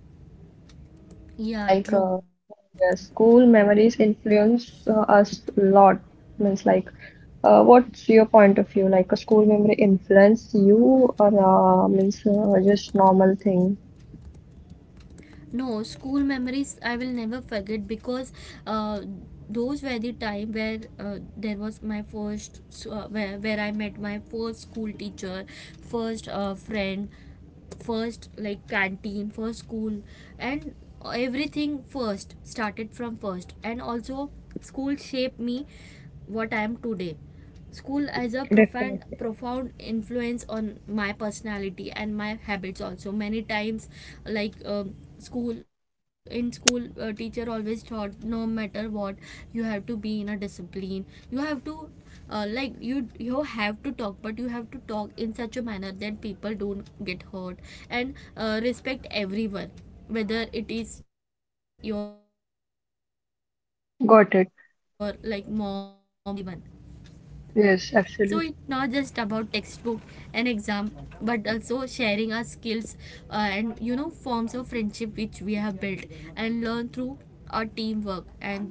[SPEAKER 1] Yeah,
[SPEAKER 2] Like uh,
[SPEAKER 1] true.
[SPEAKER 2] yeah, school memories influence us a lot. Means like, what's your point of view? Like a school memory influence you, or means just normal thing?
[SPEAKER 1] No, school memories I will never forget, because uh, those were the time where there was my first s- where I met my first school teacher, first friend, first, like, canteen, first school, and everything first started from first. And also, school shaped me what I am today. School has a profound influence on my personality and my habits. Also many times, school, in school, teacher always taught, no matter what, you have to be in a discipline. You have to, you have to talk, but you have to talk in such a manner that people don't get hurt. And respect everyone, whether it is your, like, mom or parents or your younger brother or
[SPEAKER 2] Got
[SPEAKER 1] sister,
[SPEAKER 2] it.
[SPEAKER 1] you have to value each and everyone.
[SPEAKER 2] Yes,
[SPEAKER 1] So it's
[SPEAKER 2] absolutely.
[SPEAKER 1] not just about textbook and exam, but also sharing our skills, and you know, forms of friendship which we have built, and learn through our teamwork. And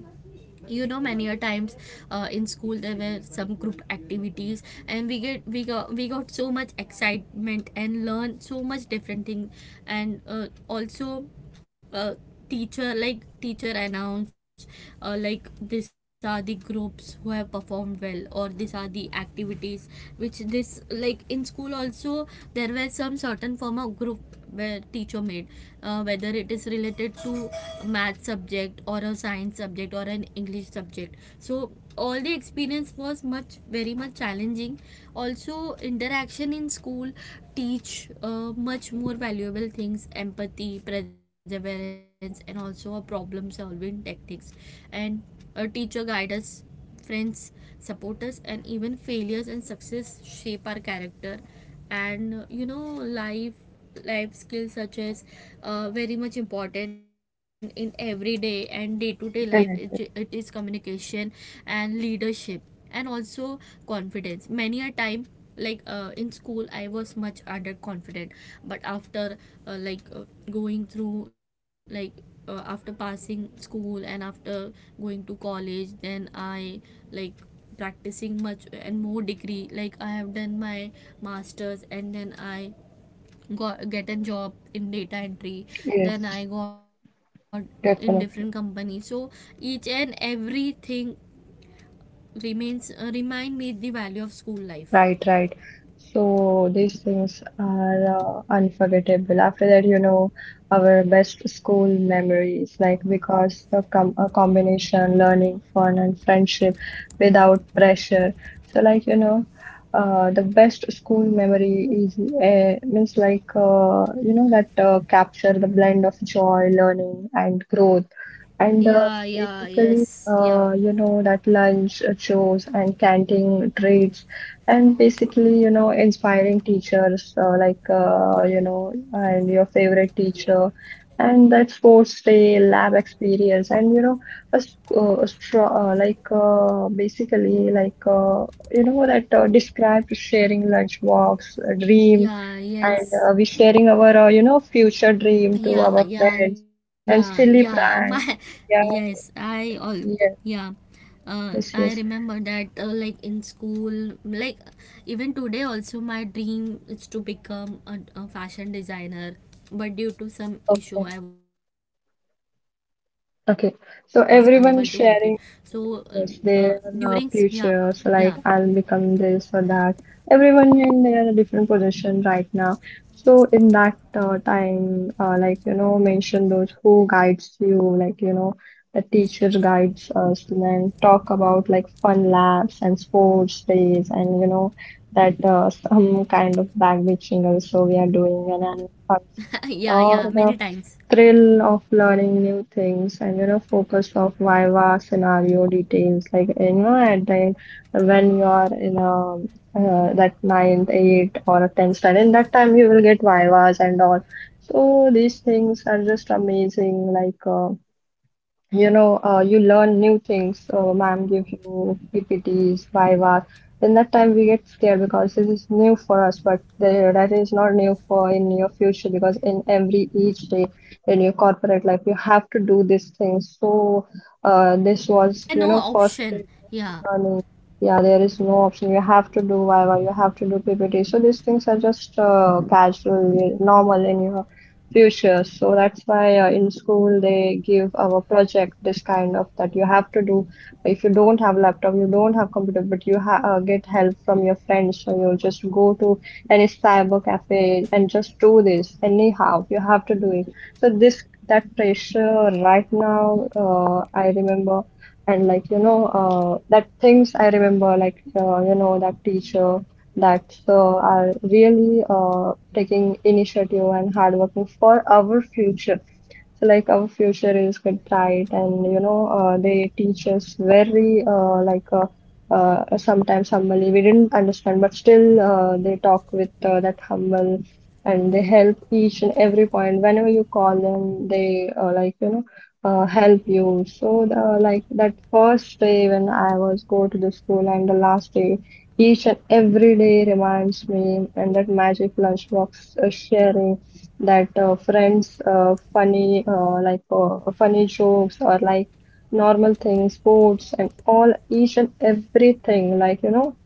[SPEAKER 1] you know, many a times, in school there were some group activities, and we got so much excitement and learned so much different thing. And also, uh, teacher, like teacher announced, like, these are the groups who have performed well, or these are the activities which this, like, in school also, there were some certain form of group where teacher made, whether it is related to math subject or a science subject or an English subject. So all the experience was much very much challenging. Also, interaction in school teach, much more valuable things, empathy, perseverance, and also a problem solving techniques. And a teacher guide us, friends support us, and even failures and success shape our character. And life skills such as, very much important in everyday and day to day life, it is communication and leadership, and also confidence many a time. Like, in school I was much underconfident, but after like going through, like after passing school and after going to college, then I, like, practicing much and more degree, like I have done my masters, and then I got get a job in data entry.
[SPEAKER 2] Yes,
[SPEAKER 1] Then I got in different companies,
[SPEAKER 2] definitely.
[SPEAKER 1] so each and everything remains, remind me the value of school life.
[SPEAKER 2] Right, right. So these things are unforgettable. After that, you know, our best school memories, like because the com a combination learning, fun, and friendship without pressure. So, the best school memory is means like you know that capture the blend of joy, learning, and growth,
[SPEAKER 1] Yeah, yeah,
[SPEAKER 2] and
[SPEAKER 1] yes, yeah.
[SPEAKER 2] basically, you know that lunch shows and canteen treats, and basically, you know, inspiring teachers and your favorite teacher, and that sports day lab experience, and you know, a, s- a stro- like basically like you know that describe sharing lunch walks, a dream,
[SPEAKER 1] Yeah,
[SPEAKER 2] and
[SPEAKER 1] yes.
[SPEAKER 2] we sharing our future dream to
[SPEAKER 1] Yeah,
[SPEAKER 2] our
[SPEAKER 1] yeah,
[SPEAKER 2] friends,
[SPEAKER 1] yeah,
[SPEAKER 2] and
[SPEAKER 1] yeah.
[SPEAKER 2] silly
[SPEAKER 1] My.
[SPEAKER 2] prank. Yeah,
[SPEAKER 1] Yes, I all.
[SPEAKER 2] yes,
[SPEAKER 1] Yeah. I
[SPEAKER 2] yes, yes.
[SPEAKER 1] remember that, like in school, like even today also my dream is to become a fashion designer, but due to some
[SPEAKER 2] Okay,
[SPEAKER 1] issue I was unable to make it. So
[SPEAKER 2] okay.
[SPEAKER 1] uh, uh,
[SPEAKER 2] So everyone sharing.
[SPEAKER 1] yeah. Yeah.
[SPEAKER 2] Yes, their futures, like I'll become this or that. Everyone in their different position right now. So in that time, mention those who guides you, like you know, the teacher guides us, and then talk about like fun labs and sports days, and you know that some kind of back bitching also we are doing an annual
[SPEAKER 1] Yeah, yeah,
[SPEAKER 2] function
[SPEAKER 1] many times.
[SPEAKER 2] or the thrill of learning new things, and you know focus of viva scenario details like you know at the end when you are in a that ninth eight or a tenth standard. In that time you will get vivas and all. So these things are just amazing.
[SPEAKER 1] Yeah.
[SPEAKER 2] You
[SPEAKER 1] If
[SPEAKER 2] know, you
[SPEAKER 1] we,
[SPEAKER 2] learn
[SPEAKER 1] yeah.
[SPEAKER 2] new things. Ma'am give you PPTs, vivas. In that time, we get scared because this is new for us, but the, that is not new for in your future because in every each day in your corporate life, you have to do these things.
[SPEAKER 1] Yeah,
[SPEAKER 2] So,
[SPEAKER 1] it's there
[SPEAKER 2] this
[SPEAKER 1] there
[SPEAKER 2] was,
[SPEAKER 1] were no
[SPEAKER 2] you know, first
[SPEAKER 1] option,
[SPEAKER 2] bit of
[SPEAKER 1] yeah.
[SPEAKER 2] learning. Yeah, there is no option. You have to do viva, you have to do PPT. So these things are just casual, normal in your future. So that's why in school they give our project this kind of that you have to do. If you don't have laptop, you don't have computer, but you ha get help from your friends. So you just go to any cyber cafe and just do this anyhow. You have to do it. So this that pressure right now, I remember. And like you know, that things I remember, that teacher that are really taking initiative and hardworking for our future. So, like our future is quite bright, and they teach us very sometimes humbly. We didn't understand, but still they talk with that humble, and they help each and every point. Whenever you call them, they help you. So the like that first day when I was go to the school and the last day, each and every day reminds me, and that magic lunchbox sharing, that friends, funny jokes or like normal things, sports, and all each and everything. Like you know,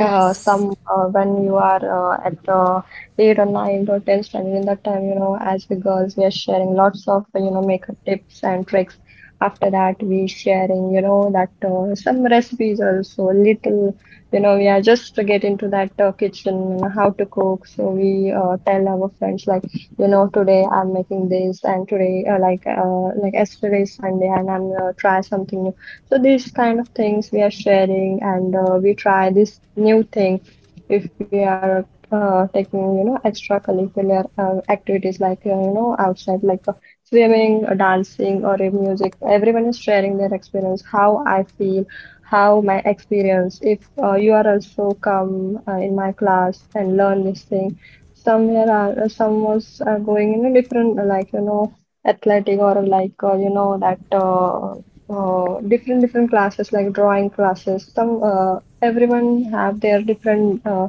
[SPEAKER 2] some when you are at the eight or nine or ten standard. In that time, you know, as we girls, we are sharing lots of, you know, makeup tips and tricks. After that, we sharing, you know, that some recipes also, little, you know, we are just to get into that kitchen and how to cook. So we tell our friends, like, you know, today I'm making this, and today like yesterday is Sunday and I'm try something new. So these kind of things we are sharing, and we try this new thing. If we are taking, you know, extracurricular activities like, you know, outside, like swimming, dancing, or music. Everyone is sharing their experience, how I feel, how my experience. If you are also come in my class and learn this thing, somewhere are some was are going in a different, athletic, or like you know that different different classes like drawing classes, some everyone have their different uh,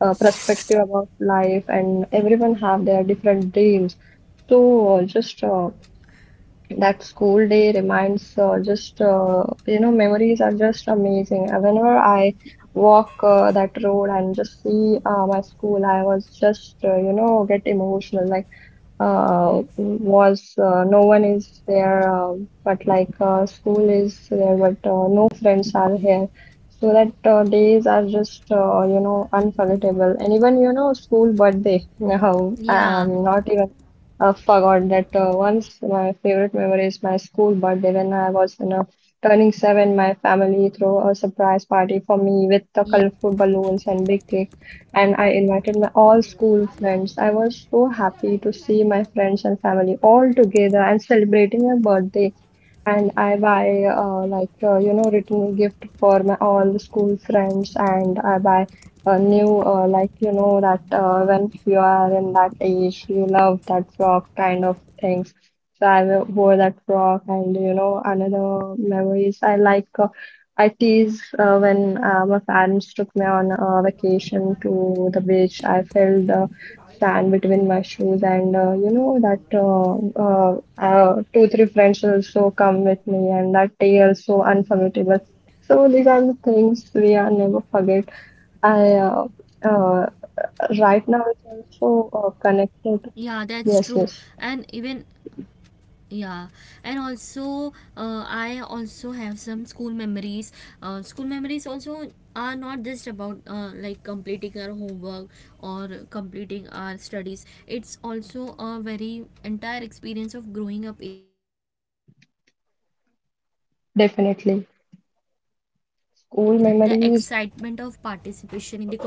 [SPEAKER 2] uh, perspective about life, and everyone have their different dreams. So just that school day reminds just you know, memories are just amazing. Whenever I walk that road and just see my school, I was just you know, get emotional, like was no one is there, but like school is there, but no friends are here. So that days are just you know, unforgettable. And even, you know, school birthday. Now
[SPEAKER 1] Yeah.
[SPEAKER 2] I'm not even forgot that once
[SPEAKER 1] Yeah.
[SPEAKER 2] my favorite memory is my school birthday, when I was, you know, turning seven. My family threw a surprise party for me with the colorful balloons and big cake, and I invited my all school friends. I was so happy to see my friends and family all together and celebrating my birthday. And I buy you know, written gift for my all the school friends, and I buy a new, like, you know, that when you are in that age, you love that frock kind of things. So I wore that frock. And you know, another memories I like. I tease when my parents took me on a vacation to the beach. I felt the sand between my shoes, and, you know, that 2, 3 friends also come with me, and that day also unforgettable. So these are the things we are never forget. I uh,
[SPEAKER 1] Yeah, that's
[SPEAKER 2] right now
[SPEAKER 1] true.
[SPEAKER 2] it's also
[SPEAKER 1] And even,
[SPEAKER 2] connected. Yes, yes,
[SPEAKER 1] yeah, and also, I also have some school memories. School memories also are not just about, like completing our homework or completing our studies. It's also a very entire experience of growing up in a supportive and a healthy environment. And I remember that the
[SPEAKER 2] definitely.
[SPEAKER 1] excitement of
[SPEAKER 2] School
[SPEAKER 1] participation in the
[SPEAKER 2] memories.
[SPEAKER 1] competition. Yeah,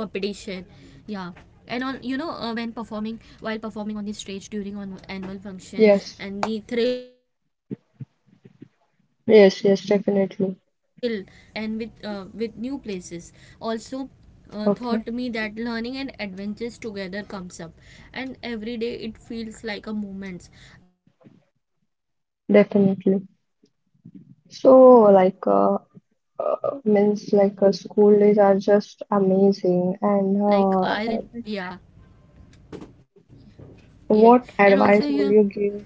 [SPEAKER 1] and on, when performing, while performing on the stage during on annual function, and the
[SPEAKER 2] Yes,
[SPEAKER 1] thrill of going on a school trip with new
[SPEAKER 2] yes,
[SPEAKER 1] uh,
[SPEAKER 2] yes,
[SPEAKER 1] new
[SPEAKER 2] definitely.
[SPEAKER 1] friends and with new places, also, taught
[SPEAKER 2] Okay,
[SPEAKER 1] me that learning and adventures together comes up, and every day it feels like a moment. Like, I remember, many
[SPEAKER 2] definitely.
[SPEAKER 1] times we share jokes with friends.
[SPEAKER 2] So, like,
[SPEAKER 1] And, yeah,
[SPEAKER 2] means like school days are just amazing. And
[SPEAKER 1] yeah, yeah, and also
[SPEAKER 2] what
[SPEAKER 1] you,
[SPEAKER 2] advice will you give?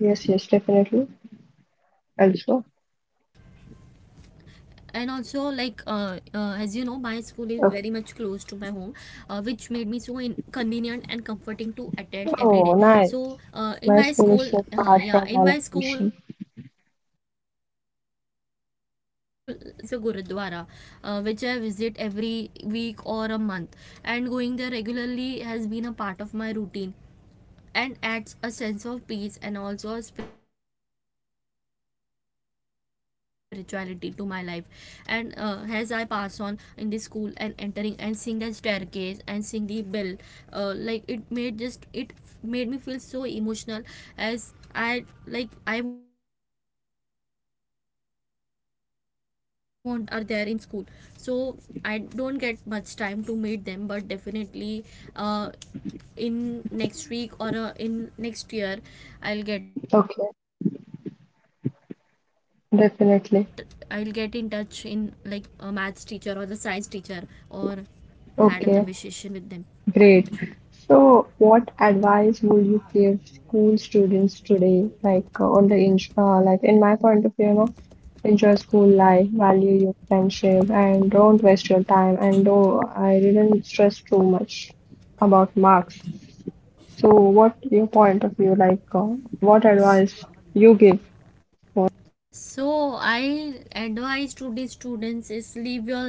[SPEAKER 2] Yes, yes, definitely.
[SPEAKER 1] and also like,
[SPEAKER 2] Also,
[SPEAKER 1] as you know, my school is very much close to my home, which made me
[SPEAKER 2] okay.
[SPEAKER 1] so in convenient and comforting to attend every day. So,
[SPEAKER 2] Oh,
[SPEAKER 1] in my
[SPEAKER 2] nice.
[SPEAKER 1] school
[SPEAKER 2] My
[SPEAKER 1] yeah,
[SPEAKER 2] school
[SPEAKER 1] in
[SPEAKER 2] is
[SPEAKER 1] my
[SPEAKER 2] so far
[SPEAKER 1] school,
[SPEAKER 2] from my
[SPEAKER 1] so
[SPEAKER 2] location.
[SPEAKER 1] last week, last week only I visited. So in my school there is a gurudwara, which I visit every week or a month, and going there regularly has been a part of my routine, and adds a sense of peace and also a spirituality to my life. And, as I pass on in the school and entering and seeing the staircase and seeing the bell, like it made just it f- made me feel so emotional, as I, like, I want to go now. Like, how, like today also many teachers are there in school, so I don't get much time to meet them, but definitely, uh, in next week or, in next year, i'll get
[SPEAKER 2] Okay,
[SPEAKER 1] i'll get in touch in like a maths teacher or the
[SPEAKER 2] definitely.
[SPEAKER 1] science teacher, or had a conversation with them.
[SPEAKER 2] Okay. Great. So, what advice would you give school students today? Like, on the in like in my point of view, you know, enjoy school life, value your friendship, and don't waste your time. And though I didn't stress too much about marks, so what your point of view, what advice
[SPEAKER 1] so
[SPEAKER 2] you give?
[SPEAKER 1] so I advise to the students is, live your life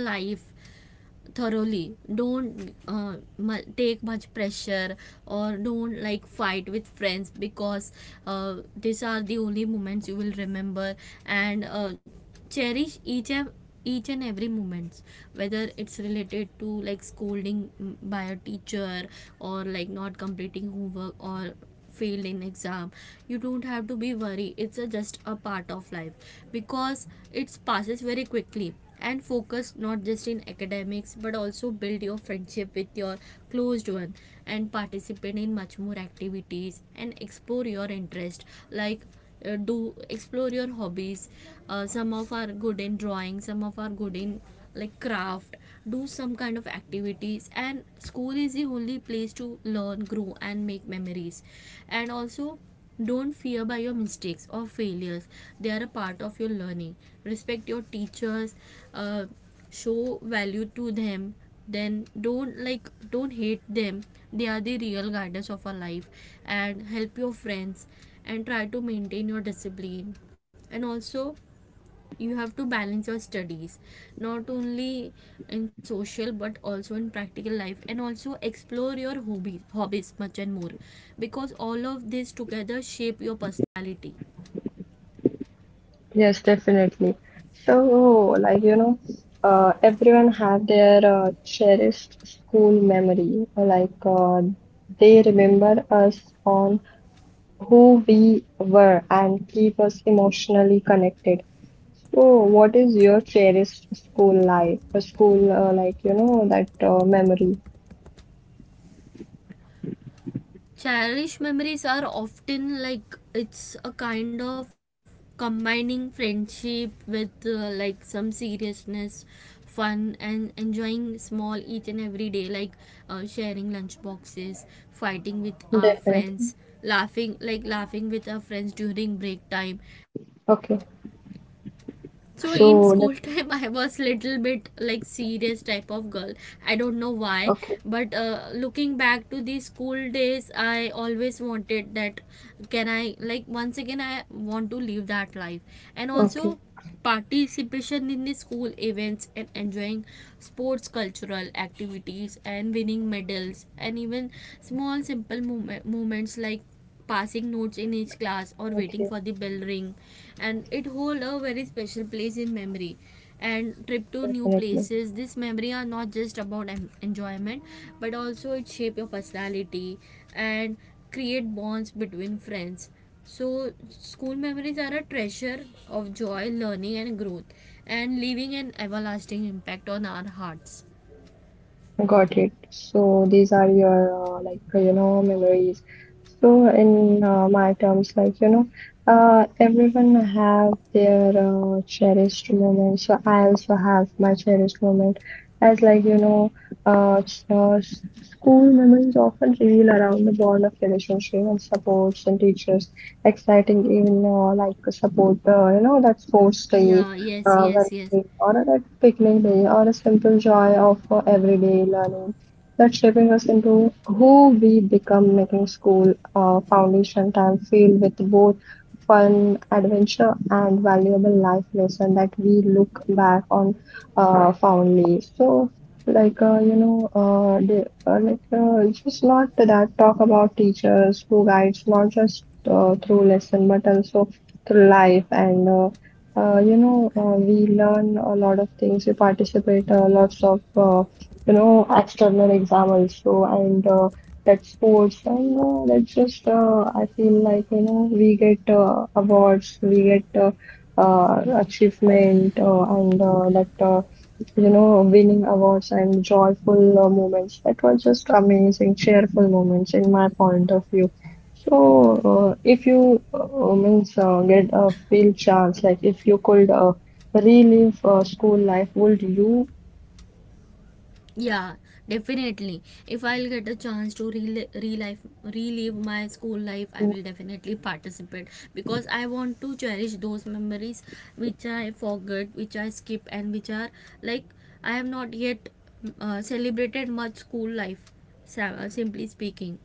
[SPEAKER 1] thoroughly, don't take much pressure, or don't, like, fight with friends, because, these are the only moments you will remember. And, cherish each and every moments, whether it's related to like scolding, by a teacher, or like not completing homework, or failed in exam, you don't have to be worried, just a part of life, because it passes very quickly. And focus not just in academics, but also build your friendship with your closed one, and participate in much more activities, and explore your interest, like, do explore your hobbies. Some of are good in drawing, some of are good in like craft, do some kind of activities, and school is the only place to learn, grow, and make memories. And also don't fear by your mistakes or failures, they are a part of your learning. Respect your teachers, uh, show value to them, then don't, like, don't hate them, they are the real guidance of our life. And help your friends, and try to maintain your discipline. And also you have to balance your studies, not only in social but also in practical life, and also explore your hobbies much and more, because all of this together shape your personality.
[SPEAKER 2] Yes, definitely. So, like, you know, everyone have their cherished school memory. Like, they remember us on who we were and keep us emotionally connected. So, what is your cherished school life, a school, like, you know, that memory?
[SPEAKER 1] Cherished memories are often like, it's a kind of combining friendship with, like some seriousness, fun, and enjoying small each and every day, like, sharing lunch boxes, fighting with our
[SPEAKER 2] Definitely.
[SPEAKER 1] friends, laughing with our friends during break time.
[SPEAKER 2] Okay.
[SPEAKER 1] So in
[SPEAKER 2] So,
[SPEAKER 1] school
[SPEAKER 2] definitely.
[SPEAKER 1] time I was little bit like serious type of girl, I don't know why.
[SPEAKER 2] Okay.
[SPEAKER 1] But, looking back to the school days, I always wanted that, can I, like, once again I want to live that life. And
[SPEAKER 2] Okay.
[SPEAKER 1] also participation in the school events, and enjoying sports, cultural activities, and winning medals, and even small simple moments like passing notes in each class, or
[SPEAKER 2] Okay.
[SPEAKER 1] waiting for the bell ring, and it hold a very special place in memory. And trip to new
[SPEAKER 2] Definitely.
[SPEAKER 1] places, this memory are not just about enjoyment, but also it shape your personality and create bonds between friends. So school memories are a treasure of joy, learning, and growth, and leaving an everlasting impact on our hearts.
[SPEAKER 2] Got it. So these are your you know, memories. So in my terms, like, you know, everyone have their cherished moment. So I also have my cherished moment. As, like, you know, school memories often reveal around the bond of relationship and supports and teachers. Exciting even like support, you know, that sports day,
[SPEAKER 1] Yeah, yes, yes,
[SPEAKER 2] well-being,
[SPEAKER 1] yes.
[SPEAKER 2] or a red picnic day, or a simple joy of everyday learning that's shaping us into who we become, making school foundation time filled with both fun, adventure, and valuable life lesson that we look back on fondly. So, like, you know, the, like it's just not that talk about teachers who guides not just through lesson, but also through life. And. You know, we learn a lot of things. We participate lots of, you know, external exam also, and that sports, and that's just. I feel like, you know, we get awards, we get achievement, and that you know, winning awards and joyful moments. That were just amazing, cheerful moments in my point of view. So, if you means get a field chance, like if you could relive school life, would you?
[SPEAKER 1] Yeah, definitely. If I'll get a chance to relive my school life, I will definitely participate because I want to cherish those memories which I forgot, which I skip, and which are like I have not yet, celebrated much school life. Simply speaking,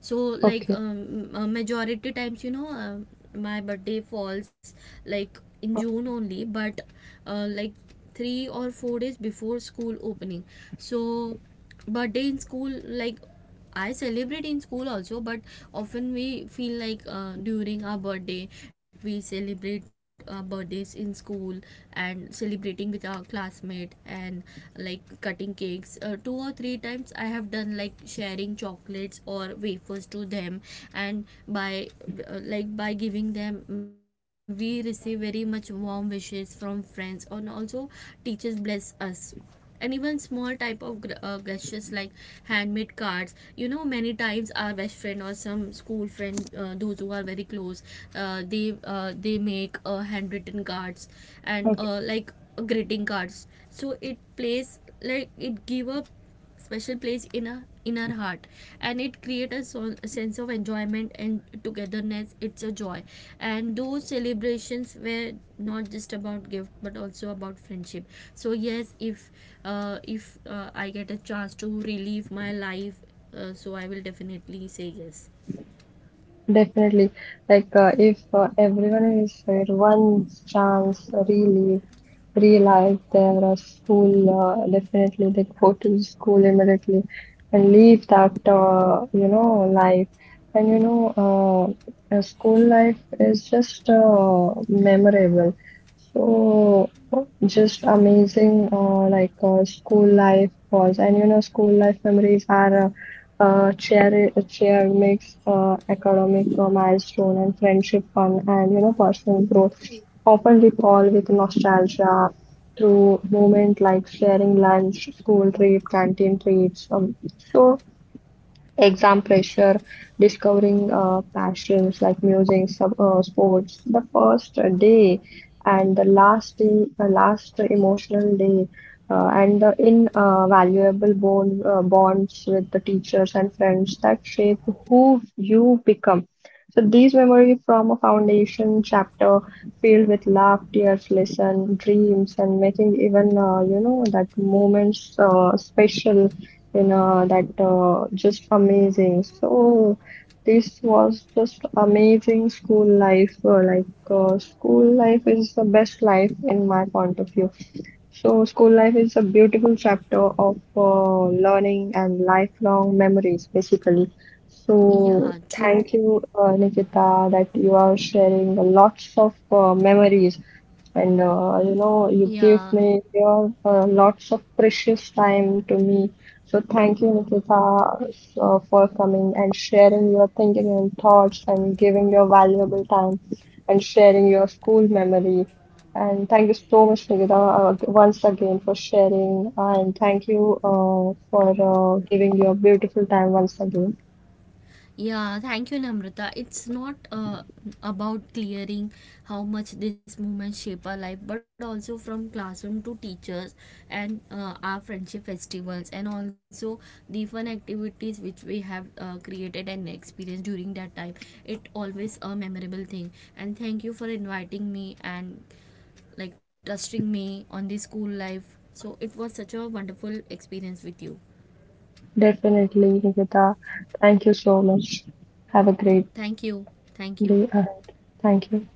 [SPEAKER 1] so like,
[SPEAKER 2] Okay.
[SPEAKER 1] majority times, my birthday falls like in June only, but, like 3 or 4 days before school opening. So birthday in school, like, I celebrate in school also, but often we feel like, during our birthday, we celebrate our birthdays in school, and celebrating with our classmate, and like cutting cakes. Two or three times I have done like sharing chocolates or wafers to them, and by, like by giving them, we receive very much warm wishes from friends, and also teachers bless us, and even small type of gestures like handmade cards, many times our best friend or some school friend, those who are very close, they make, handwritten cards and,
[SPEAKER 2] Okay.
[SPEAKER 1] like greeting cards. So it plays like, it give a special place in a in our heart, and it create a sense of enjoyment and togetherness, it's a joy. And those celebrations were not just about gift but also about friendship. So yes, if, I get a chance to relive my life, so I will definitely say yes.
[SPEAKER 2] Definitely. Like, if everyone is fair, one chance really relive their school, definitely they go to school immediately and leave that, you know, life. And, you know, school life is just memorable. So, just amazing, school life was. And, you know, school life memories are. Cheer makes academic milestone and friendship, fun, and, you know, personal growth. Often recall with nostalgia through moment like sharing lunch, school trip, canteen treats. So exam pressure, discovering passions like music, sports, the first day and the last day, the last emotional day, and the invaluable bond, bonds with the teachers and friends that shape who you become. So these memories form a foundation chapter filled with love, tears, lesson, dreams, and making even, you know, that moments special, you know, that just amazing. So this was just amazing school life. School life is the best life in my point of view. So school life is a beautiful chapter of learning and lifelong memories, basically. So
[SPEAKER 1] Yeah, true.
[SPEAKER 2] thank you, Nikita, that you are sharing lots of memories, and, you know, you give
[SPEAKER 1] Yeah.
[SPEAKER 2] me your lots of precious time to me. So thank you, Nikita, so, for coming and sharing your thinking and thoughts and giving your valuable time and sharing your school memory. And thank you so much, Nikita, once again for sharing. And thank you for giving your beautiful time once again.
[SPEAKER 1] Yeah, thank you, Namrata. It's not, about clearing how much these moments shape our life, but also from classroom to teachers, and, our friendship festivals, and also the fun activities which we have, created and experienced during that time. It always a memorable thing. And thank you for inviting me, and like trusting me on the school life. So it was such a wonderful experience with you.
[SPEAKER 2] Definitely, Nikita, thank you so much. Have a great
[SPEAKER 1] Thank you.
[SPEAKER 2] day
[SPEAKER 1] Thank
[SPEAKER 2] ahead.
[SPEAKER 1] you.
[SPEAKER 2] Thank you.